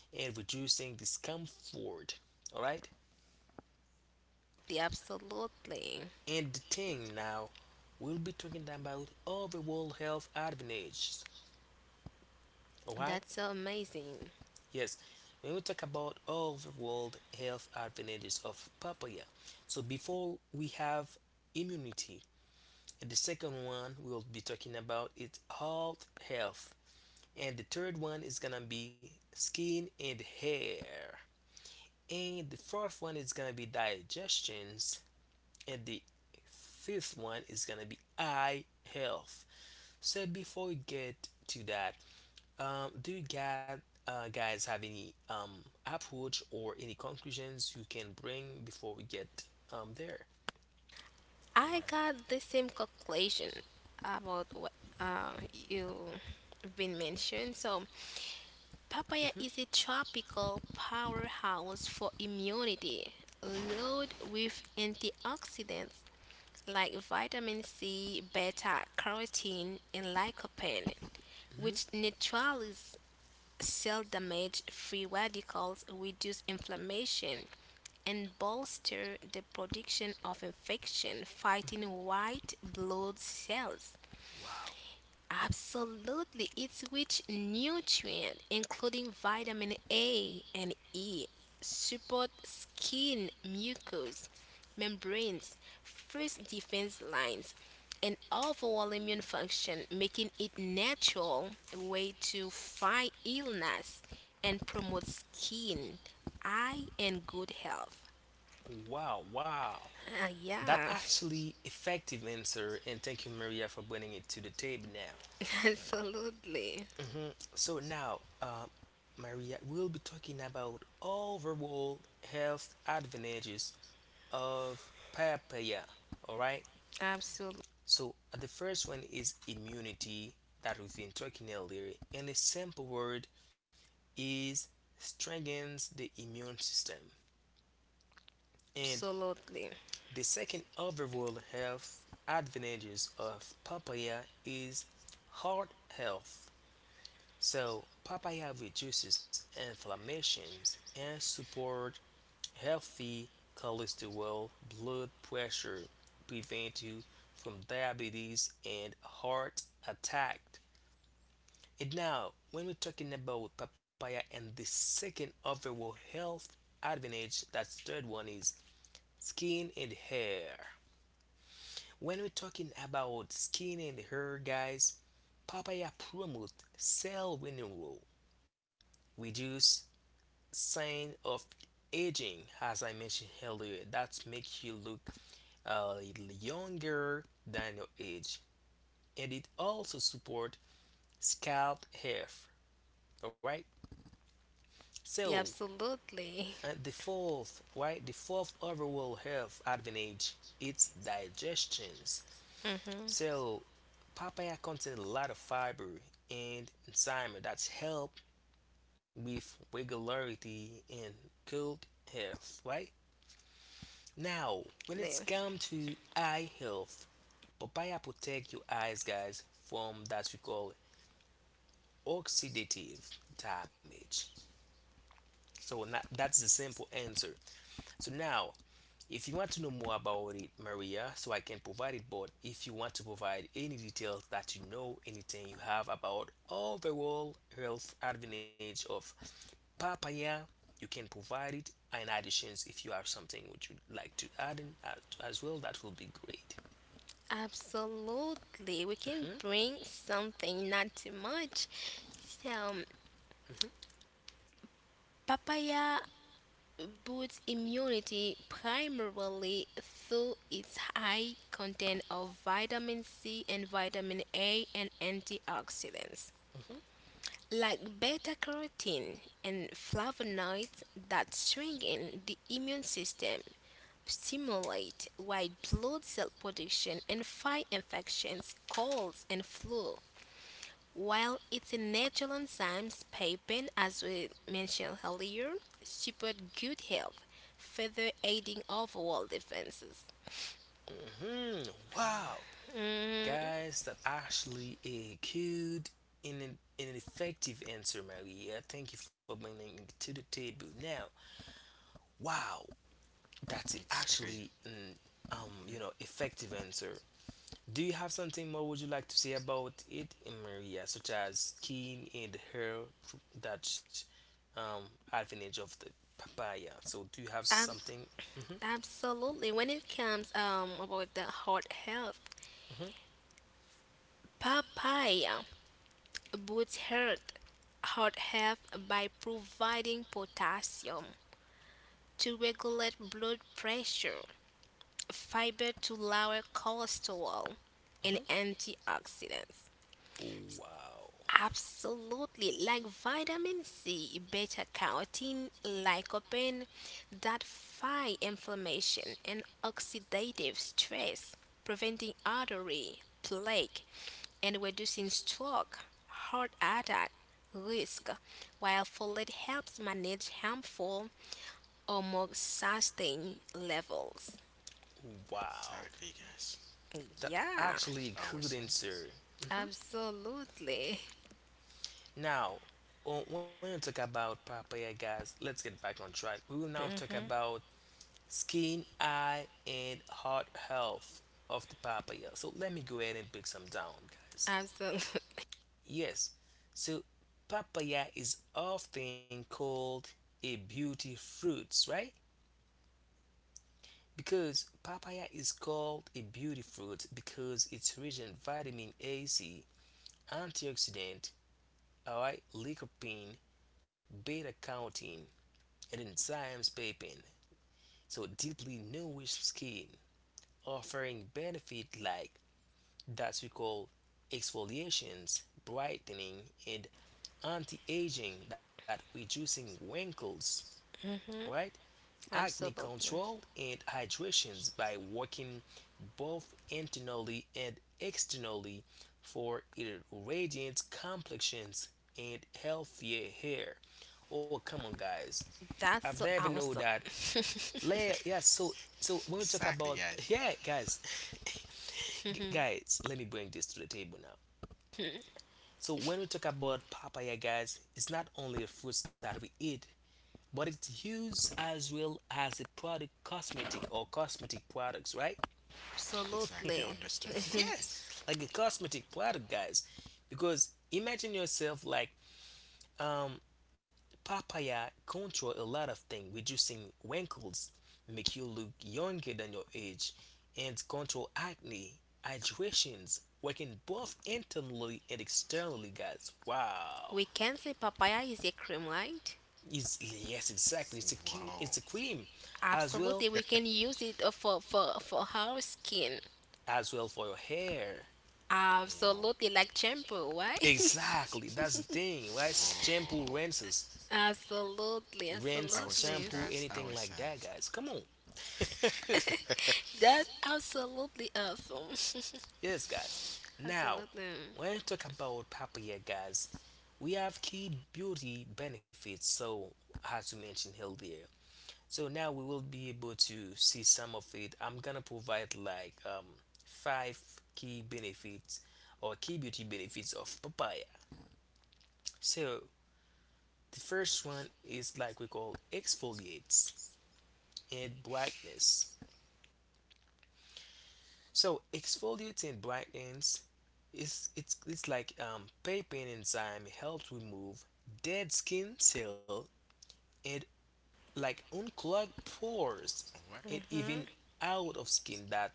[SPEAKER 2] and reducing discomfort. All right.
[SPEAKER 3] The absolutely.
[SPEAKER 2] And the thing now, we'll be talking about overall health advantages. Alright?
[SPEAKER 3] That's so amazing.
[SPEAKER 2] Yes. When we talk about overall health advantages of papaya, so before we have immunity, and the second one we'll be talking about is heart health, and the third one is gonna be skin and hair, and the fourth one is gonna be digestions, and the fifth one is gonna be eye health. So before we get to that, do you guys, guys have any approach or any conclusions you can bring before we get there?
[SPEAKER 1] All
[SPEAKER 3] I
[SPEAKER 1] right.
[SPEAKER 3] got the same conclusion about what you've been mentioned. So, papaya
[SPEAKER 2] Hmm.
[SPEAKER 3] is a tropical powerhouse for immunity, loaded with antioxidants like vitamin C, beta carotene, and lycopene,
[SPEAKER 2] Hmm.
[SPEAKER 3] which neutralize cell damage, free radicals, reduce inflammation, and bolster the production of infection fighting white blood cells.
[SPEAKER 2] Wow.
[SPEAKER 3] Absolutely, it's rich nutrient including vitamin A and E support skin mucous membranes, first defense lines, and overall immune function, making it natural way to fight illness and promote skin, eye, and good health.
[SPEAKER 2] Wow, wow. That
[SPEAKER 3] Yeah,
[SPEAKER 2] actually effective answer, and thank you, Maria, for bringing it to the table now.
[SPEAKER 3] absolutely,
[SPEAKER 2] So now, Maria, we'll be talking about overall health advantages of papaya. All right.
[SPEAKER 3] absolutely,
[SPEAKER 2] So the first one is immunity, that we've been talking earlier, and a simple word is strengthens the immune system. And
[SPEAKER 3] absolutely,
[SPEAKER 2] the second overall health advantages of papaya is heart health. So papaya reduces inflammations and support healthy cholesterol, blood pressure, prevent you from diabetes and heart attack. And now, when we're talking about papaya and the second overall health advantage, that's third one is skin and hair. When we're talking about skin and hair, guys, papaya promotes cell renewal, reduce sign of aging, as I mentioned earlier. That makes you look a little younger than your age, and it also support scalp health, all right?
[SPEAKER 3] the
[SPEAKER 2] So
[SPEAKER 3] absolutely,
[SPEAKER 2] the fourth, right, the fourth overall health advantage, it's digestions.
[SPEAKER 3] mm-hmm.
[SPEAKER 2] So papaya contains a lot of fiber and enzyme that's help with regularity and good health, right? Now, when it's come to eye health, papaya protect your eyes, guys, from that we call oxidative damage. So that's the simple answer. So now, if you want to know more about it, Maria, so I can provide it, but if you want to provide any details that you know, anything you have about overall health advantage of papaya, you can provide it. In additions, if you have something which you'd like to add in as well, that will be great.
[SPEAKER 3] Absolutely. We can bring something, not too much. So,
[SPEAKER 2] Hmm.
[SPEAKER 3] papaya boosts immunity primarily through its high content of vitamin C and vitamin A and antioxidants, like beta carotene and flavonoids that strengthen the immune system, stimulate white blood cell production, and fight infections, colds, and flu. While its natural enzymes, papain, as we mentioned earlier, support good health, further aiding overall defenses.
[SPEAKER 2] Hmm. Wow, guys, that actually a good and an effective answer, Maria. Thank you for bringing it to the table. Now, wow, that's
[SPEAKER 1] Exactly.
[SPEAKER 2] actually an effective answer. Do you have something more would you like to say about it, Maria, such as skin and hair, that um advantage of the papaya? So, do you have
[SPEAKER 3] Ab-
[SPEAKER 2] something? Hmm.
[SPEAKER 3] absolutely. When it comes about the heart health,
[SPEAKER 2] Hmm.
[SPEAKER 3] papaya boosts heart health by providing potassium to regulate blood pressure, fiber to lower cholesterol, and
[SPEAKER 2] Hmm.
[SPEAKER 3] antioxidants.
[SPEAKER 2] Wow,
[SPEAKER 3] Absolutely, like vitamin C, beta carotene, lycopene that fight inflammation and oxidative stress, preventing artery plaque and reducing stroke, heart attack risk, while folate helps manage harmful or more sustained levels.
[SPEAKER 2] wow.
[SPEAKER 1] Exactly, guys.
[SPEAKER 2] That
[SPEAKER 3] Yeah,
[SPEAKER 2] actually good
[SPEAKER 1] Always on.
[SPEAKER 2] answer. Hmm.
[SPEAKER 3] absolutely.
[SPEAKER 2] Now, when we talk about papaya, guys, let's get back on track. We will now talk about skin, eye, and heart health of the papaya. So let me go ahead and break some down, guys.
[SPEAKER 3] Absolutely.
[SPEAKER 2] Yes, so papaya is often called a beauty fruit, right? Because papaya is called a beauty fruit because it's rich in vitamin A, C, antioxidant, all right, lycopene, beta carotene, and enzymes pepin, so deeply nourish skin, offering benefit like that we call exfoliations, brightening, and anti-aging that reducing wrinkles, right, acne
[SPEAKER 3] Absolutely.
[SPEAKER 2] control and hydrations, by working both internally and externally for radiant complexions and healthier hair. Oh, come on, guys. I've
[SPEAKER 3] That's so
[SPEAKER 2] never know
[SPEAKER 3] awesome.
[SPEAKER 2] that.
[SPEAKER 3] Absolutely.
[SPEAKER 2] So when we talk
[SPEAKER 1] Exactly,
[SPEAKER 2] about
[SPEAKER 1] guys.
[SPEAKER 2] yeah, guys, guys, let me bring this to the table now. So when we talk about papaya, guys, it's not only a fruit that we eat, but it's used as well as a product, cosmetic or cosmetic products, right?
[SPEAKER 1] Exactly. Understandable,
[SPEAKER 2] Yes,
[SPEAKER 1] guys.
[SPEAKER 2] like a cosmetic product, guys, because imagine yourself like um papaya control a lot of things, reducing wrinkles, make you look younger than your age, and control acne, hydrations, working both internally and externally, guys. Wow.
[SPEAKER 3] We can say papaya is a cream, right?
[SPEAKER 2] It's, yes, exactly. It's a it's a
[SPEAKER 1] Wow.
[SPEAKER 2] cream, as well
[SPEAKER 3] Absolutely. We can use it for our skin.
[SPEAKER 2] for your hair.
[SPEAKER 1] Whoa.
[SPEAKER 3] Absolutely, like shampoo, why?
[SPEAKER 2] Exactly. That's the thing, right? Shampoo
[SPEAKER 1] Whoa.
[SPEAKER 2] rinses,
[SPEAKER 3] absolutely,
[SPEAKER 2] rinse,
[SPEAKER 1] Our son,
[SPEAKER 3] absolutely.
[SPEAKER 2] shampoo,
[SPEAKER 1] guys.
[SPEAKER 2] anything
[SPEAKER 1] Our
[SPEAKER 2] like
[SPEAKER 1] son.
[SPEAKER 2] that, guys. Come on.
[SPEAKER 3] That's absolutely awesome.
[SPEAKER 2] Yes, guys. Now,
[SPEAKER 3] absolutely.
[SPEAKER 2] when we talk about papaya, guys, we have key beauty benefits. So, as we mentioned earlier, so now we will be able to see some of it. I'm gonna provide like five key benefits or key beauty benefits of papaya. So, the first one is like we call exfoliates and brightness. So exfoliating brightens is it's like pepin enzyme helps remove dead skin cell and like unclog pores
[SPEAKER 1] what?
[SPEAKER 2] and even
[SPEAKER 3] Hmm.
[SPEAKER 2] out of skin that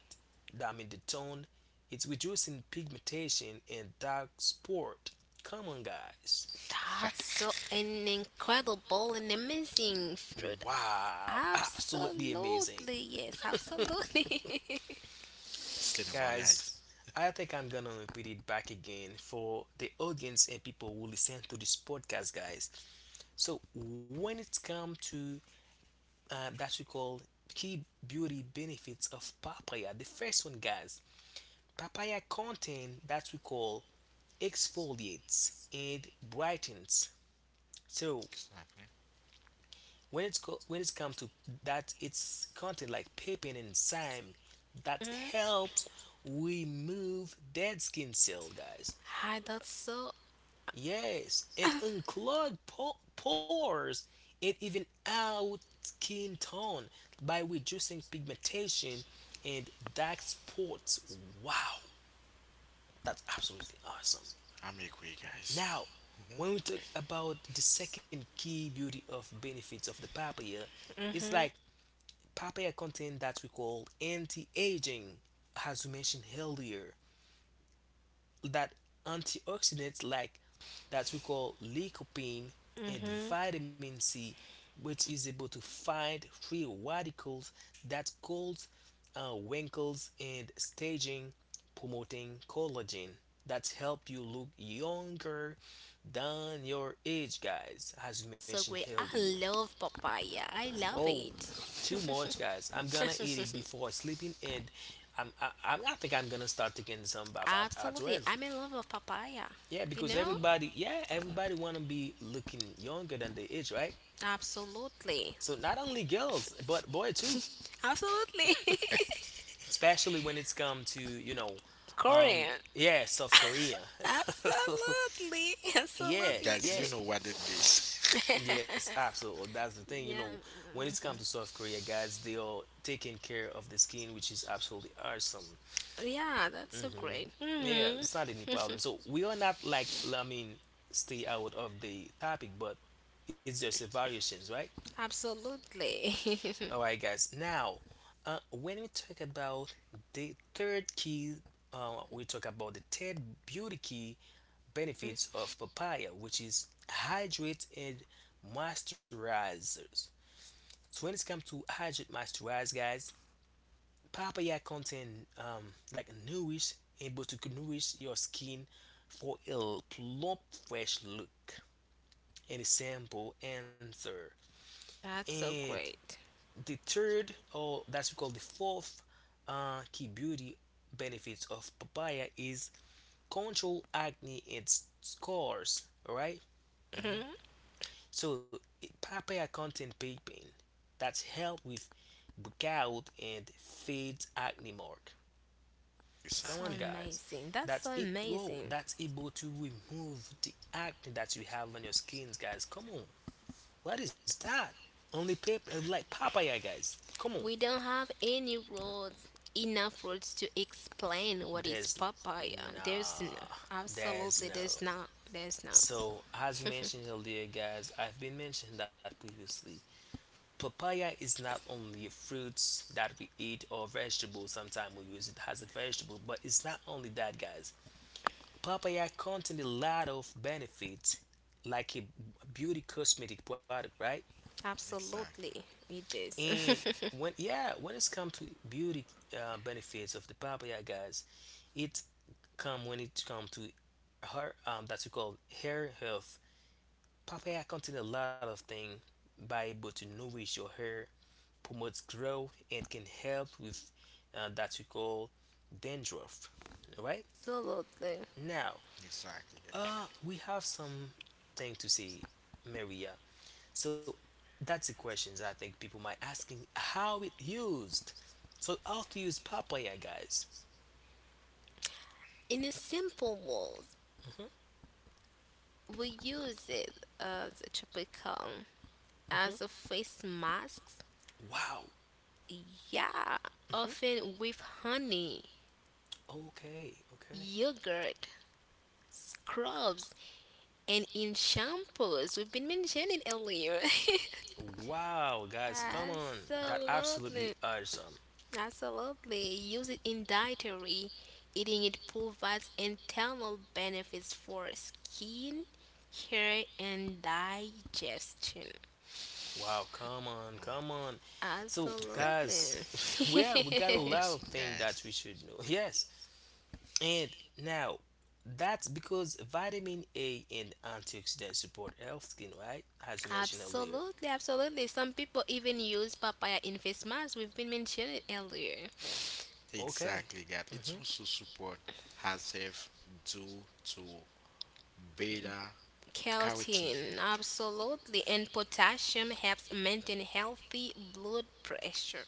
[SPEAKER 2] damage the tone. It's reducing pigmentation and dark spot. Come on, guys.
[SPEAKER 3] That's so an incredible and amazing fruit.
[SPEAKER 2] Wow, absolutely amazing.
[SPEAKER 3] Absolutely, yes, absolutely.
[SPEAKER 1] Sustainable,
[SPEAKER 2] Guys,
[SPEAKER 1] guys.
[SPEAKER 2] I think I'm gonna repeat it back again for the audience and people who listen to this podcast, guys. So when it's come to that we call key beauty benefits of papaya, the first one, guys, papaya contain that we call exfoliates and brightens. So
[SPEAKER 1] Exactly.
[SPEAKER 2] when it's come to that, it's content like pepin and thyme that
[SPEAKER 3] hmm.
[SPEAKER 2] helps remove dead skin cell, guys.
[SPEAKER 3] Hi, that's so
[SPEAKER 2] Yes, it includes pores and even out skin tone by reducing pigmentation and dark spots. Wow, that's absolutely awesome.
[SPEAKER 1] I'm equi, guys.
[SPEAKER 2] Now,
[SPEAKER 1] Hmm
[SPEAKER 2] when we talk about the second key beauty of benefits of the papaya, it's
[SPEAKER 3] hmm
[SPEAKER 2] like papaya content that we call anti-aging, as we mentioned earlier. That antioxidants like that we call lycopene and
[SPEAKER 3] hmm
[SPEAKER 2] vitamin C, which is able to fight free radicals that cause wrinkles and staging, promoting collagen that help you look younger than your age, guys. As we mentioned
[SPEAKER 3] so great. I
[SPEAKER 2] earlier.
[SPEAKER 3] love papaya. I love
[SPEAKER 2] Oh, too
[SPEAKER 3] it.
[SPEAKER 2] much, guys. I'm gonna eat it before sleeping, and I think I'm gonna start taking some bath at
[SPEAKER 3] Absolutely.
[SPEAKER 2] 12.
[SPEAKER 3] I'm in love with papaya.
[SPEAKER 2] Yeah,
[SPEAKER 3] You
[SPEAKER 2] because
[SPEAKER 3] know?
[SPEAKER 2] everybody, yeah, everybody wanna be looking younger than they age, right? So
[SPEAKER 3] Absolutely.
[SPEAKER 2] not only girls, but boy too,
[SPEAKER 3] Absolutely.
[SPEAKER 2] especially when it's come to you know, um,
[SPEAKER 3] Korean.
[SPEAKER 2] yeah, South Korea.
[SPEAKER 3] Absolutely.
[SPEAKER 2] Yeah,
[SPEAKER 3] Absolutely.
[SPEAKER 1] guys,
[SPEAKER 2] yeah,
[SPEAKER 1] you know what it is.
[SPEAKER 2] yes, absolutely. That's the thing, you
[SPEAKER 3] yeah.
[SPEAKER 2] know, when it's come to South Korea, guys, they are taking care of the skin, which is absolutely awesome.
[SPEAKER 3] Yeah, that's so
[SPEAKER 2] Hmm.
[SPEAKER 3] great.
[SPEAKER 2] Yeah,
[SPEAKER 3] Hmm.
[SPEAKER 2] it's not any problem. So we are not like, I mean, stay out of the topic, but it's just a variations, right?
[SPEAKER 3] Absolutely.
[SPEAKER 2] All right, guys. Now, when we talk about the third key, we talk about the third beauty key benefits of papaya, which is hydrate and moisturizers. So when it comes to hydrate moisturize, guys, papaya contain like nourish able to nourish your skin for a plump, fresh look and a simple answer.
[SPEAKER 3] That's so
[SPEAKER 2] And
[SPEAKER 3] great.
[SPEAKER 2] the third, or that's we call the fourth key beauty benefits of papaya is control acne and scars. All right,
[SPEAKER 1] hmm
[SPEAKER 3] Hmm.
[SPEAKER 2] so papaya contain papain that's help with breakout and fades acne mark. Come
[SPEAKER 3] So
[SPEAKER 2] on,
[SPEAKER 1] Exactly.
[SPEAKER 2] guys,
[SPEAKER 3] amazing. That's
[SPEAKER 2] that's
[SPEAKER 3] so
[SPEAKER 2] it. Whoa,
[SPEAKER 3] amazing.
[SPEAKER 2] that's able to remove the acne that you have on your skins, guys. Come on, what is that? Only paper like papaya, guys. Come on,
[SPEAKER 3] We don't have any rules, enough rules to explain what is
[SPEAKER 2] There's
[SPEAKER 3] papaya. There's no,
[SPEAKER 2] nah, there's
[SPEAKER 3] absolutely,
[SPEAKER 2] no.
[SPEAKER 3] there's not, there's not.
[SPEAKER 2] So as we mentioned earlier, guys, I've been mentioning that previously. Papaya is not only a fruit that we eat or vegetable. Sometimes we use it as a vegetable, but it's not only that, guys. Papaya contains a lot of benefits, like a beauty cosmetic product, right?
[SPEAKER 1] Exactly.
[SPEAKER 3] Absolutely, it is.
[SPEAKER 2] And when it's come to beauty benefits of the papaya, guys, it come when it comes to her that's called hair health. Papaya contains a lot of things by able to nourish your hair, promotes growth, and can help with that we call dandruff. Alright?
[SPEAKER 3] absolutely.
[SPEAKER 2] Now,
[SPEAKER 1] Exactly, guys.
[SPEAKER 2] we have some thing to say, Maria. So that's the questions I think people might asking how it used. So how to use papaya, guys?
[SPEAKER 3] In a simple words, we use it as a tropical,
[SPEAKER 2] Hmm.
[SPEAKER 3] as a face mask.
[SPEAKER 2] Wow.
[SPEAKER 3] Yeah, often with honey,
[SPEAKER 2] Okay. Okay.
[SPEAKER 3] yogurt, scrubs, and in shampoos. We've been mentioning earlier.
[SPEAKER 2] Wow, guys, come on. That absolutely
[SPEAKER 3] Absolutely,
[SPEAKER 2] awesome.
[SPEAKER 3] absolutely. Use it in dietary. Eating it provides internal benefits for skin, hair, and digestion.
[SPEAKER 2] Wow, come on, come on. So, guys,
[SPEAKER 3] Absolutely.
[SPEAKER 2] yeah, we got a
[SPEAKER 1] our
[SPEAKER 2] lot of
[SPEAKER 1] son,
[SPEAKER 2] things
[SPEAKER 1] guys.
[SPEAKER 2] that we should know. Yes, and now that's because vitamin A and antioxidants support health skin, right? As we mentioned earlier.
[SPEAKER 3] absolutely, absolutely. Some people even use papaya in face masks. We've been mentioning it earlier.
[SPEAKER 2] Okay.
[SPEAKER 1] Exactly, guys. It's
[SPEAKER 2] Hmm.
[SPEAKER 1] also support has if due to beta carotene.
[SPEAKER 3] Keratin, absolutely. And potassium helps maintain healthy blood pressure.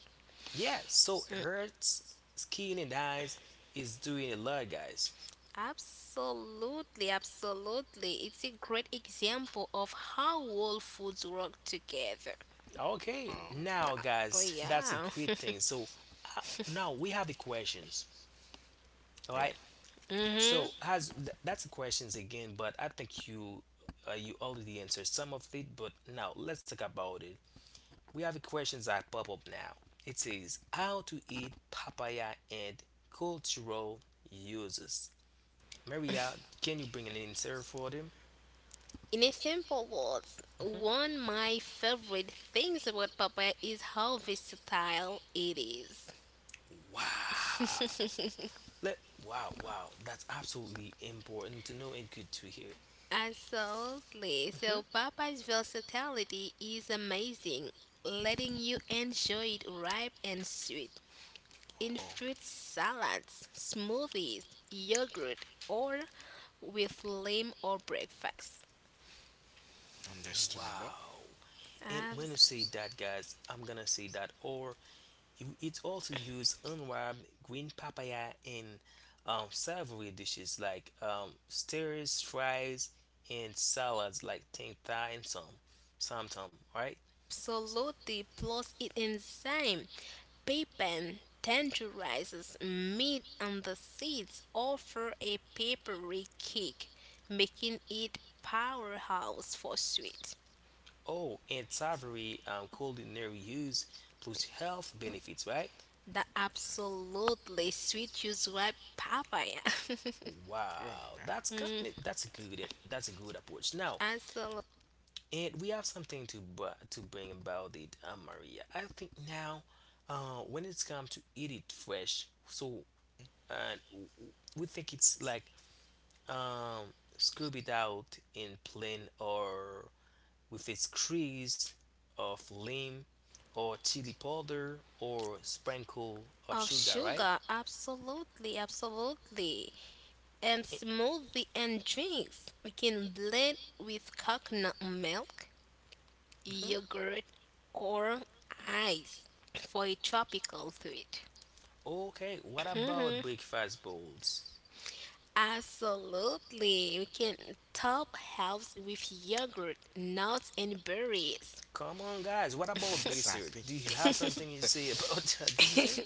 [SPEAKER 2] Yeah, so
[SPEAKER 3] Hmm.
[SPEAKER 2] hurts skin and eyes is doing a lot, guys.
[SPEAKER 3] Absolutely, absolutely. It's a great example of how all foods work together.
[SPEAKER 2] Okay,
[SPEAKER 1] Oh,
[SPEAKER 2] now
[SPEAKER 3] Oh
[SPEAKER 2] guys, that's a
[SPEAKER 3] yeah.
[SPEAKER 2] great thing. So uh, now we have the questions. All
[SPEAKER 1] oh,
[SPEAKER 2] right.
[SPEAKER 3] Mhm.
[SPEAKER 2] So that's the questions again, but I think you you already answered some of it. But now let's talk about it. We have questions that pop up now. It says how to eat papaya and cultural uses. Maria, can you bring an answer for them?
[SPEAKER 3] In a simple words,
[SPEAKER 2] Hmm.
[SPEAKER 3] one of my favorite things about papaya is how versatile it is.
[SPEAKER 2] Wow. Let Wow, wow. That's absolutely important to know and good to hear.
[SPEAKER 3] Absolutely.
[SPEAKER 2] Hmm.
[SPEAKER 3] So papaya's versatility is amazing, letting you enjoy it ripe and sweet, in
[SPEAKER 1] oh.
[SPEAKER 3] fruit salads, smoothies, yogurt, or with lamb or breakfast.
[SPEAKER 1] understandable.
[SPEAKER 2] Wow. And when you say that, guys, I'm gonna say that, or it's also used unripe green papaya in savory dishes like stirs, fries, and salads like tang thai and samtam, right?
[SPEAKER 3] Absolutely. Plus, it enzyme, papain, tenderizes meat and the seeds offer a papery kick, making it powerhouse for sweet.
[SPEAKER 2] Oh, and savory culinary use plus health benefits, right?
[SPEAKER 3] The absolutely sweet juice ripe papaya.
[SPEAKER 1] All
[SPEAKER 2] Wow,
[SPEAKER 1] right.
[SPEAKER 3] Mm,
[SPEAKER 2] that's a good approach. Now,
[SPEAKER 3] absolutely.
[SPEAKER 2] and we have something to to bring about it, Maria. I think now, when it's come to eat it fresh, so and we think it's like um scuba out in plain or with its crease of lime or chili powder or sprinkle of
[SPEAKER 3] Of
[SPEAKER 2] sugar, right?
[SPEAKER 3] sugar, absolutely, absolutely. And
[SPEAKER 2] Eh,
[SPEAKER 3] smoothie and drinks. We can blend with coconut milk,
[SPEAKER 2] mhm.
[SPEAKER 3] yogurt, or ice for a tropical treat.
[SPEAKER 2] Okay, what
[SPEAKER 3] Mhm.
[SPEAKER 2] about breakfast bowls?
[SPEAKER 3] Absolutely. We can top health with yogurt, nuts, and berries.
[SPEAKER 2] Come on, guys, what about dessert?
[SPEAKER 1] Exactly.
[SPEAKER 2] Do you have something you say about the dessert?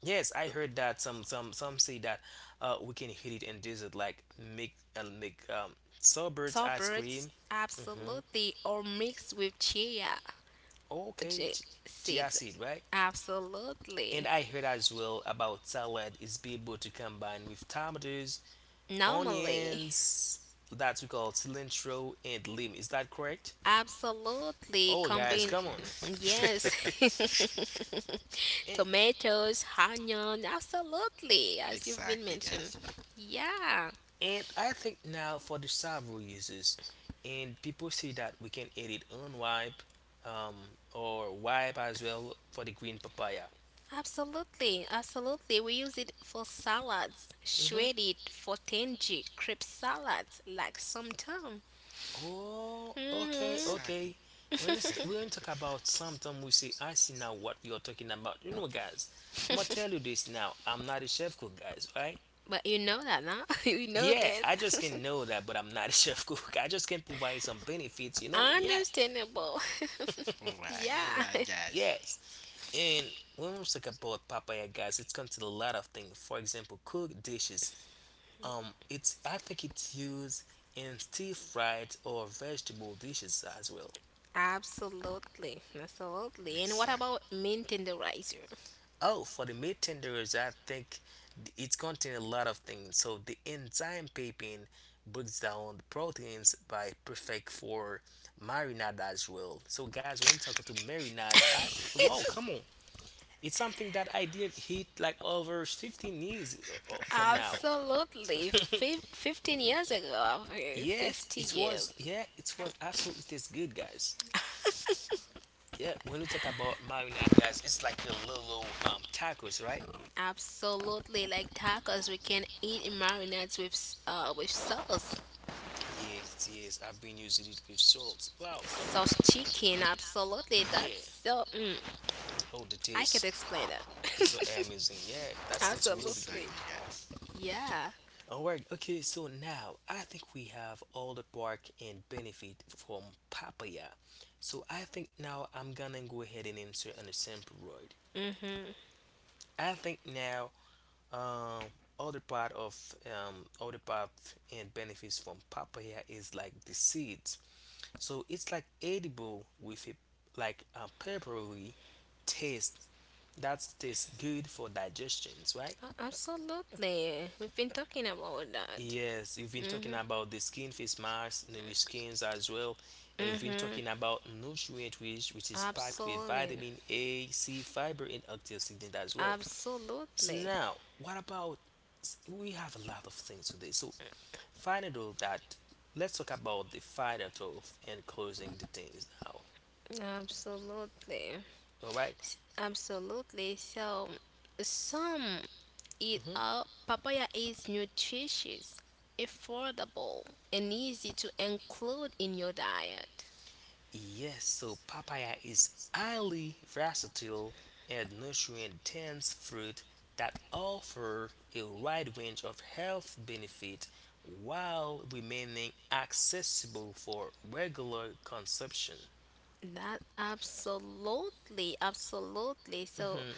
[SPEAKER 2] Yes, I heard that some say that we can hit it in desert like make sorbet ice
[SPEAKER 3] Sorbets,
[SPEAKER 2] cream. Mm-hmm.
[SPEAKER 3] absolutely, or mixed with chia
[SPEAKER 2] Oh, okay,
[SPEAKER 3] j-
[SPEAKER 2] chia
[SPEAKER 3] seeds.
[SPEAKER 2] seed, right?
[SPEAKER 3] Absolutely.
[SPEAKER 2] And I heard as well about salad is be able to combine with tomatoes,
[SPEAKER 3] Normally.
[SPEAKER 2] onions that we call cilantro and lime. Is that correct?
[SPEAKER 3] Absolutely.
[SPEAKER 2] Oh
[SPEAKER 1] I'm
[SPEAKER 2] guys,
[SPEAKER 3] Combine,
[SPEAKER 2] come on.
[SPEAKER 1] agree with. Understand?
[SPEAKER 3] yes.
[SPEAKER 2] And,
[SPEAKER 3] Tomatoes, onion, absolutely, as you've been
[SPEAKER 1] exactly,
[SPEAKER 3] mentioned.
[SPEAKER 1] guys.
[SPEAKER 3] Yeah,
[SPEAKER 2] And I think now for the several users, and people say that we can edit unwipe um, or wipe as well for the green papaya.
[SPEAKER 3] absolutely, absolutely. We use it for salads,
[SPEAKER 2] Hmm.
[SPEAKER 3] shredded for tangy, crepe salads, like some time.
[SPEAKER 2] Oh, okay,
[SPEAKER 3] Hmm.
[SPEAKER 1] Exactly.
[SPEAKER 2] okay. When we talk about something, we say, I see now what we are talking about. You know, guys, I'm gonna tell you this now. I'm not a chef cook, guys, right?
[SPEAKER 3] But you know that, now. You know
[SPEAKER 2] Yeah, I just
[SPEAKER 3] this.
[SPEAKER 2] can know that, but I'm not a chef cook. I just can provide some benefits, you know. Yeah.
[SPEAKER 3] Understandable.
[SPEAKER 1] All
[SPEAKER 3] Yeah.
[SPEAKER 1] right, guys.
[SPEAKER 2] Yes, and when we talk about papaya, guys, it comes to a lot of things. For example, cooked dishes. It's I think it's used in stir fried or vegetable dishes as well.
[SPEAKER 3] Absolutely, absolutely. And what
[SPEAKER 1] Exactly.
[SPEAKER 3] about mint in the rice?
[SPEAKER 2] Oh, for the meat tenderers, I think it's contain a lot of things. So the enzyme pepin breaks down the proteins by perfect for marinade as well. So guys, when you talk to marinade, I, whoa, come on. It's something that I didn't hit like over 15 years from now.
[SPEAKER 3] Absolutely. 15 years ago, okay,
[SPEAKER 2] Yes,
[SPEAKER 3] 50
[SPEAKER 2] it
[SPEAKER 3] years.
[SPEAKER 2] was. Yeah, it was absolutely tastes good, guys. Yeah, when you talk about marinade, guys, it's like the little tacos, right?
[SPEAKER 3] Absolutely. Like tacos, we can eat marinades with with sauce.
[SPEAKER 2] Yes, yes. I've been using it with salt. Wow,
[SPEAKER 3] Sauce chicken, absolutely. That's
[SPEAKER 2] yeah.
[SPEAKER 3] so mm,
[SPEAKER 2] Oh, the
[SPEAKER 3] I can't
[SPEAKER 2] taste.
[SPEAKER 3] explain
[SPEAKER 2] It's so
[SPEAKER 3] that.
[SPEAKER 2] amazing. Yeah, that's it's really good.
[SPEAKER 3] absolutely.
[SPEAKER 1] exactly, guys. Hmm
[SPEAKER 3] Yeah.
[SPEAKER 2] All right, okay, so now I think we have all the bark and benefit from papaya. So I think now I'm gonna go ahead and answer on sample road.
[SPEAKER 3] Mhm.
[SPEAKER 2] I think now um other part and benefits from papaya is like the seeds. So it's like edible with a like a peppery taste that tastes good for digestions, right?
[SPEAKER 3] Absolutely. We've been talking about that.
[SPEAKER 2] Yes, you've been talking
[SPEAKER 3] Mhm.
[SPEAKER 2] about the skin face masks, nourish skins as well, and we've been
[SPEAKER 3] Mhm.
[SPEAKER 2] talking about nutrient rich, which is packed with
[SPEAKER 3] Absolutely.
[SPEAKER 2] vitamin A, C, fiber, and antioxidant as well. So
[SPEAKER 3] Absolutely.
[SPEAKER 2] now, what about? We have a lot of things today. So final though that let's talk about the final thought and closing the things now.
[SPEAKER 3] Absolutely.
[SPEAKER 2] All right?
[SPEAKER 3] Absolutely. So, some eat up. Papaya is nutritious, affordable, and easy to include in your diet.
[SPEAKER 2] Yes, so papaya is highly versatile and nutrient-dense fruit that offer a wide range of health benefits while remaining accessible for regular consumption.
[SPEAKER 3] That absolutely, absolutely. So,
[SPEAKER 2] Mhm,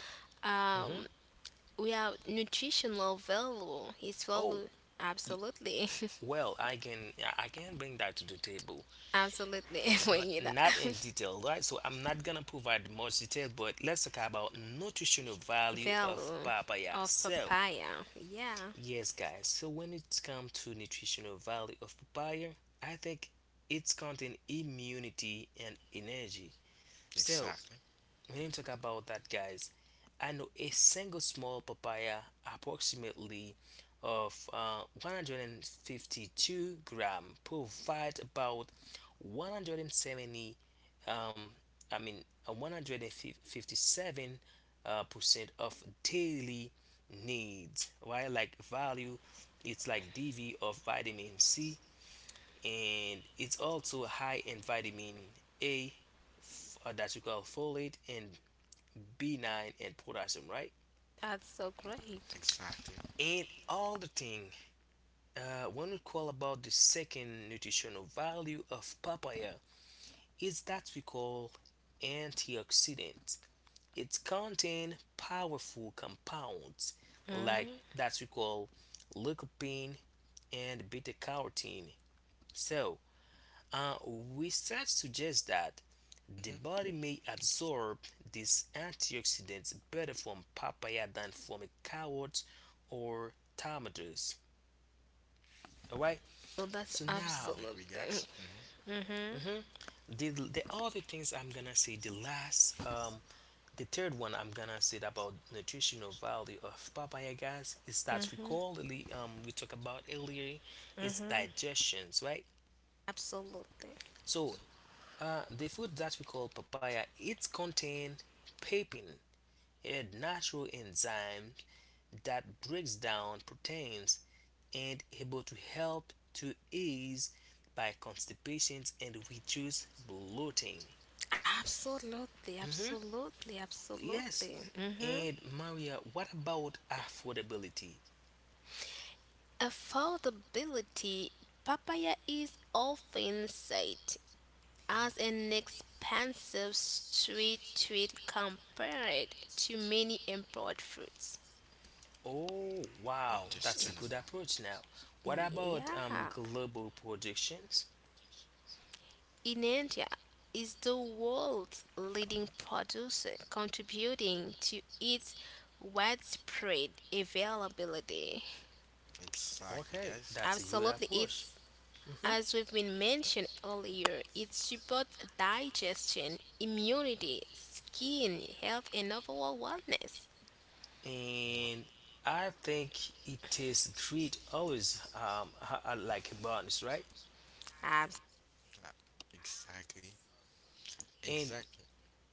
[SPEAKER 2] mhm.
[SPEAKER 3] um, we have nutritional value. It's
[SPEAKER 2] Oh,
[SPEAKER 3] value,
[SPEAKER 2] y-
[SPEAKER 3] absolutely,
[SPEAKER 2] well, I can bring that to the table,
[SPEAKER 3] absolutely.
[SPEAKER 2] but
[SPEAKER 3] Bring it up.
[SPEAKER 2] not in detail, right? So I'm not gonna provide much detail, but let's talk about nutritional value of
[SPEAKER 3] Value
[SPEAKER 2] papaya.
[SPEAKER 3] of
[SPEAKER 2] So
[SPEAKER 3] papaya. Yeah,
[SPEAKER 2] yes, guys. So when it comes to nutritional value of papaya, I think it's contain immunity and energy. So
[SPEAKER 1] Exactly.
[SPEAKER 2] when you talk about that, guys, I know a single small papaya approximately of 152-gram provide about 170 um, I mean, uh, 157 percent of daily needs, right? Like value, it's like DV of vitamin C, and it's also high in vitamin A, that we call folate, and B9 and potassium, right?
[SPEAKER 3] that's so great.
[SPEAKER 1] Exactly.
[SPEAKER 2] And all the thing, when we call about the second nutritional value of papaya, is that we call antioxidant. It contains powerful compounds like
[SPEAKER 3] Hmm.
[SPEAKER 2] that we call lycopene and beta carotene. So, research suggests that the
[SPEAKER 1] hmm
[SPEAKER 2] body may absorb these antioxidants better from papaya than from a carrot or tomatoes. All right.
[SPEAKER 3] So
[SPEAKER 2] So
[SPEAKER 3] that's
[SPEAKER 2] now,
[SPEAKER 1] I'm agree, guys.
[SPEAKER 3] absolutely
[SPEAKER 1] Hmm
[SPEAKER 3] mhm.
[SPEAKER 2] mhm, the other things I'm gonna say. The third one I'm gonna say about nutritional value of papaya, guys, is that
[SPEAKER 3] Mhm.
[SPEAKER 2] recallly we talked about earlier is
[SPEAKER 3] Mhm.
[SPEAKER 2] digestions, right?
[SPEAKER 3] Absolutely.
[SPEAKER 2] So the food that we call papaya, it's contain pepin, a natural enzyme that breaks down proteins and able to help to ease by constipation and reduce bloating.
[SPEAKER 3] Absolutely.
[SPEAKER 2] Mhm.
[SPEAKER 3] Absolutely.
[SPEAKER 2] Yes.
[SPEAKER 3] Absolutely. Mhm.
[SPEAKER 2] And Maria, what about affordability?
[SPEAKER 3] Affordability. Papaya is often cited as an expensive sweet treat compared to many import fruits.
[SPEAKER 2] Oh, wow, that's a
[SPEAKER 1] Understandable.
[SPEAKER 2] good approach now. What about
[SPEAKER 3] Yeah.
[SPEAKER 2] global projections?
[SPEAKER 3] In India is the world's leading producer contributing to its widespread availability.
[SPEAKER 1] Exactly,
[SPEAKER 2] Okay,
[SPEAKER 1] guys.
[SPEAKER 2] that's a good
[SPEAKER 3] Absolutely.
[SPEAKER 2] approach.
[SPEAKER 3] It's
[SPEAKER 2] Hmm
[SPEAKER 3] as we've been mentioned earlier, it supports digestion, immunity, skin health, and overall wellness.
[SPEAKER 2] And I think it takes great always like a bonus, right?
[SPEAKER 3] Abs,
[SPEAKER 1] Uh, Exactly.
[SPEAKER 2] And
[SPEAKER 1] Exactly.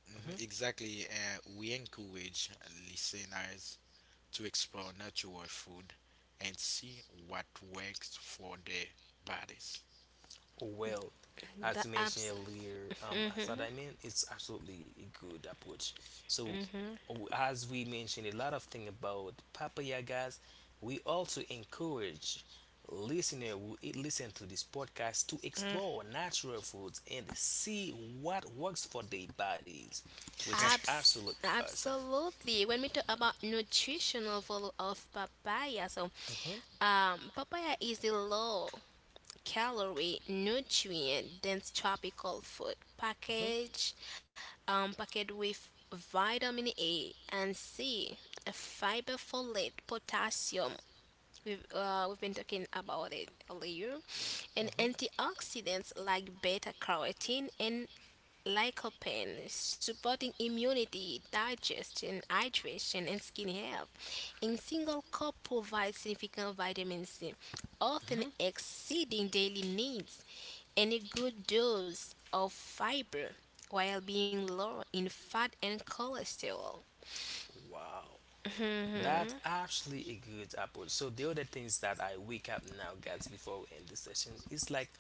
[SPEAKER 1] Mhm,
[SPEAKER 2] mhm.
[SPEAKER 1] Exactly, we encourage listeners to explore natural food and see what works for their bodies.
[SPEAKER 2] Well, as you
[SPEAKER 3] the
[SPEAKER 2] mentioned
[SPEAKER 3] abs,
[SPEAKER 2] earlier, as I
[SPEAKER 3] mhm,
[SPEAKER 2] mean it's absolutely a good approach. So
[SPEAKER 3] mhm,
[SPEAKER 2] as we mentioned a lot of thing about papaya, guys, we also encourage listener who listen to this podcast to
[SPEAKER 3] mm.
[SPEAKER 2] explore natural foods and see what works for their bodies, which is absolutely awesome.
[SPEAKER 3] Absolutely. When we talk about nutritional value of papaya, so papaya is a low calorie nutrient dense tropical food
[SPEAKER 2] Mhm,
[SPEAKER 3] package, packaged with vitamin A and C, fiber folate, potassium. We've been talking about it earlier, and antioxidants like beta carotene and lycopene, supporting immunity, digestion, hydration, and skin health. In single cup provides significant vitamin C, often
[SPEAKER 2] mhm.
[SPEAKER 3] exceeding daily needs, and a good dose of fiber while being low in fat and cholesterol.
[SPEAKER 2] Wow,
[SPEAKER 3] Mhm.
[SPEAKER 2] that's actually a good approach. So the other things that I wake up now, guys, before we end the session is like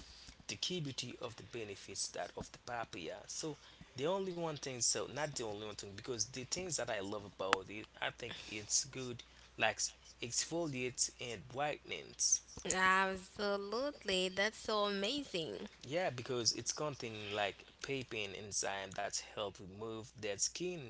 [SPEAKER 2] the key beauty of the benefits that of the papaya. So the only one thing, so not the only one thing, because the things that I love about it, I think it's good, like exfoliates and brightens.
[SPEAKER 3] Absolutely, that's so amazing.
[SPEAKER 2] Yeah, because it's contain like papain enzyme that help remove dead skin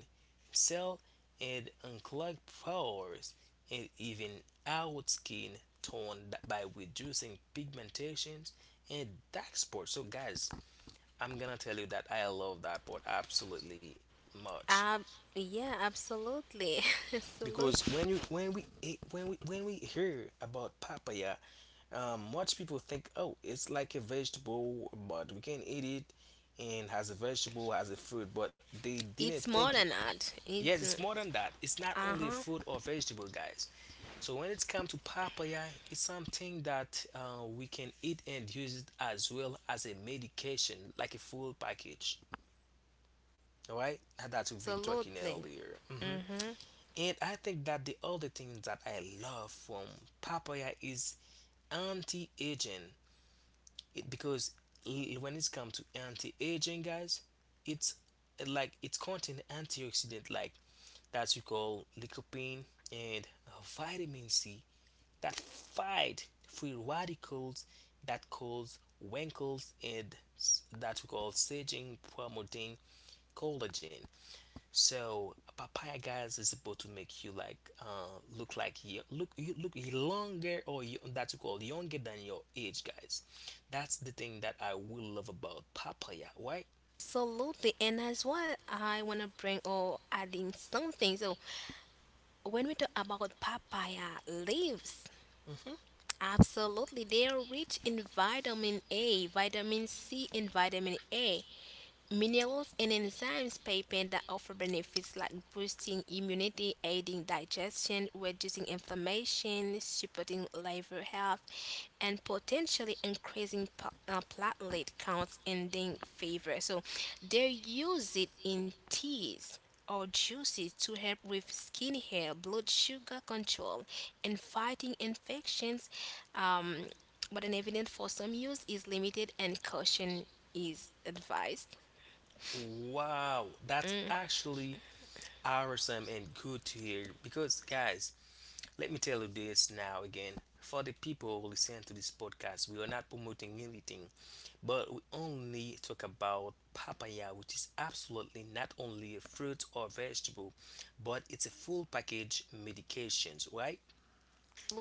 [SPEAKER 2] cell and unclog pores and even out skin tone by reducing pigmentations and dark spots. So guys, I'm gonna tell you that I love that part absolutely much
[SPEAKER 3] Ab- yeah, absolutely, absolutely.
[SPEAKER 2] because when you when we eh, when we hear about papaya, much people think oh it's like a vegetable, but we can eat it and as a vegetable as a fruit, but they didn't
[SPEAKER 3] It's
[SPEAKER 2] think
[SPEAKER 3] more
[SPEAKER 2] it.
[SPEAKER 3] than that.
[SPEAKER 2] Yes,
[SPEAKER 3] It's
[SPEAKER 2] it's
[SPEAKER 3] uh
[SPEAKER 2] more than that. It's not only a
[SPEAKER 3] huh.
[SPEAKER 2] fruit or vegetable, guys. So when it's come to papaya, it's something that we can eat and use it as well as a medication, like a full package. All right, and that's what we've been talking
[SPEAKER 3] Absolutely.
[SPEAKER 2] earlier. Hmm
[SPEAKER 3] Mm-hmm.
[SPEAKER 2] and I think that the other thing that I love from papaya is anti-aging. It because when it's come to anti-aging, guys, it's like it contains antioxidant like that we call lycopene and vitamin C that fight free radicals that cause wrinkles and that we call saging promoting collagen. So papaya guys is supposed to make you like look like you look longer or you, that's called younger than your age, guys. That's the thing that I will love about papaya. Why?
[SPEAKER 3] Absolutely. And as well, I want to bring or adding something. So when we talk about papaya leaves,
[SPEAKER 2] Hmm
[SPEAKER 3] absolutely, they are rich in vitamin A, vitamin C, and vitamin A, minerals and enzymes piping that offer benefits like boosting immunity, aiding digestion, reducing inflammation, supporting liver health, and potentially increasing platelet counts and then fever. So they use it in teas or juices to help with skin hair, blood sugar control, and fighting infections. Um, but an evidence for some use is limited and caution is advised.
[SPEAKER 2] Wow, that's
[SPEAKER 3] Mm,
[SPEAKER 2] actually awesome and good to hear because guys, let me tell you this now again, for the people who listen to this podcast, we are not promoting anything, but we only talk about papaya, which is absolutely not only a fruit or vegetable, but it's a full package medications, right?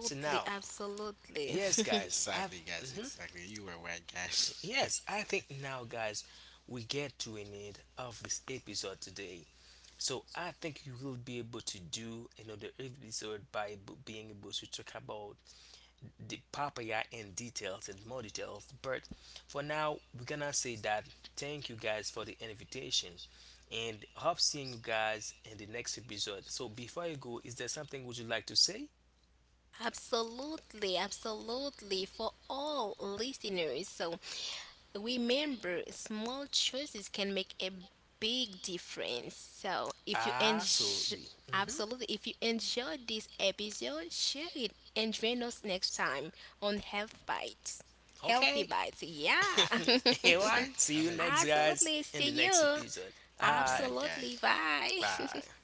[SPEAKER 2] So now,
[SPEAKER 3] absolutely.
[SPEAKER 2] yes guys,
[SPEAKER 1] exactly, guys.
[SPEAKER 2] mhm,
[SPEAKER 1] Exactly, you were right, guys.
[SPEAKER 2] yes, I think now guys we get to an end of this episode today. So I think you will be able to do another episode by being able to talk about the papaya in details and more details. But for now, we're gonna say that thank you guys for the invitation, and hope seeing you guys in the next episode. So before you go, is there something would you like to say?
[SPEAKER 3] Absolutely, absolutely. For all listeners, so remember, small choices can make a big difference. So, if you enjoy,
[SPEAKER 2] Absolutely. Hmm
[SPEAKER 3] absolutely, if you enjoyed this episode, share it and join us next time on Health Bites. Healthy
[SPEAKER 2] Okay.
[SPEAKER 3] Bites, yeah.
[SPEAKER 1] exactly,
[SPEAKER 2] Anyway, see
[SPEAKER 1] I'm
[SPEAKER 2] you
[SPEAKER 1] agree.
[SPEAKER 2] next guys
[SPEAKER 3] Absolutely.
[SPEAKER 2] in the
[SPEAKER 3] See
[SPEAKER 2] next
[SPEAKER 3] you.
[SPEAKER 2] episode.
[SPEAKER 1] All right,
[SPEAKER 2] Hi.
[SPEAKER 1] guys.
[SPEAKER 3] Absolutely. Bye.
[SPEAKER 2] Bye.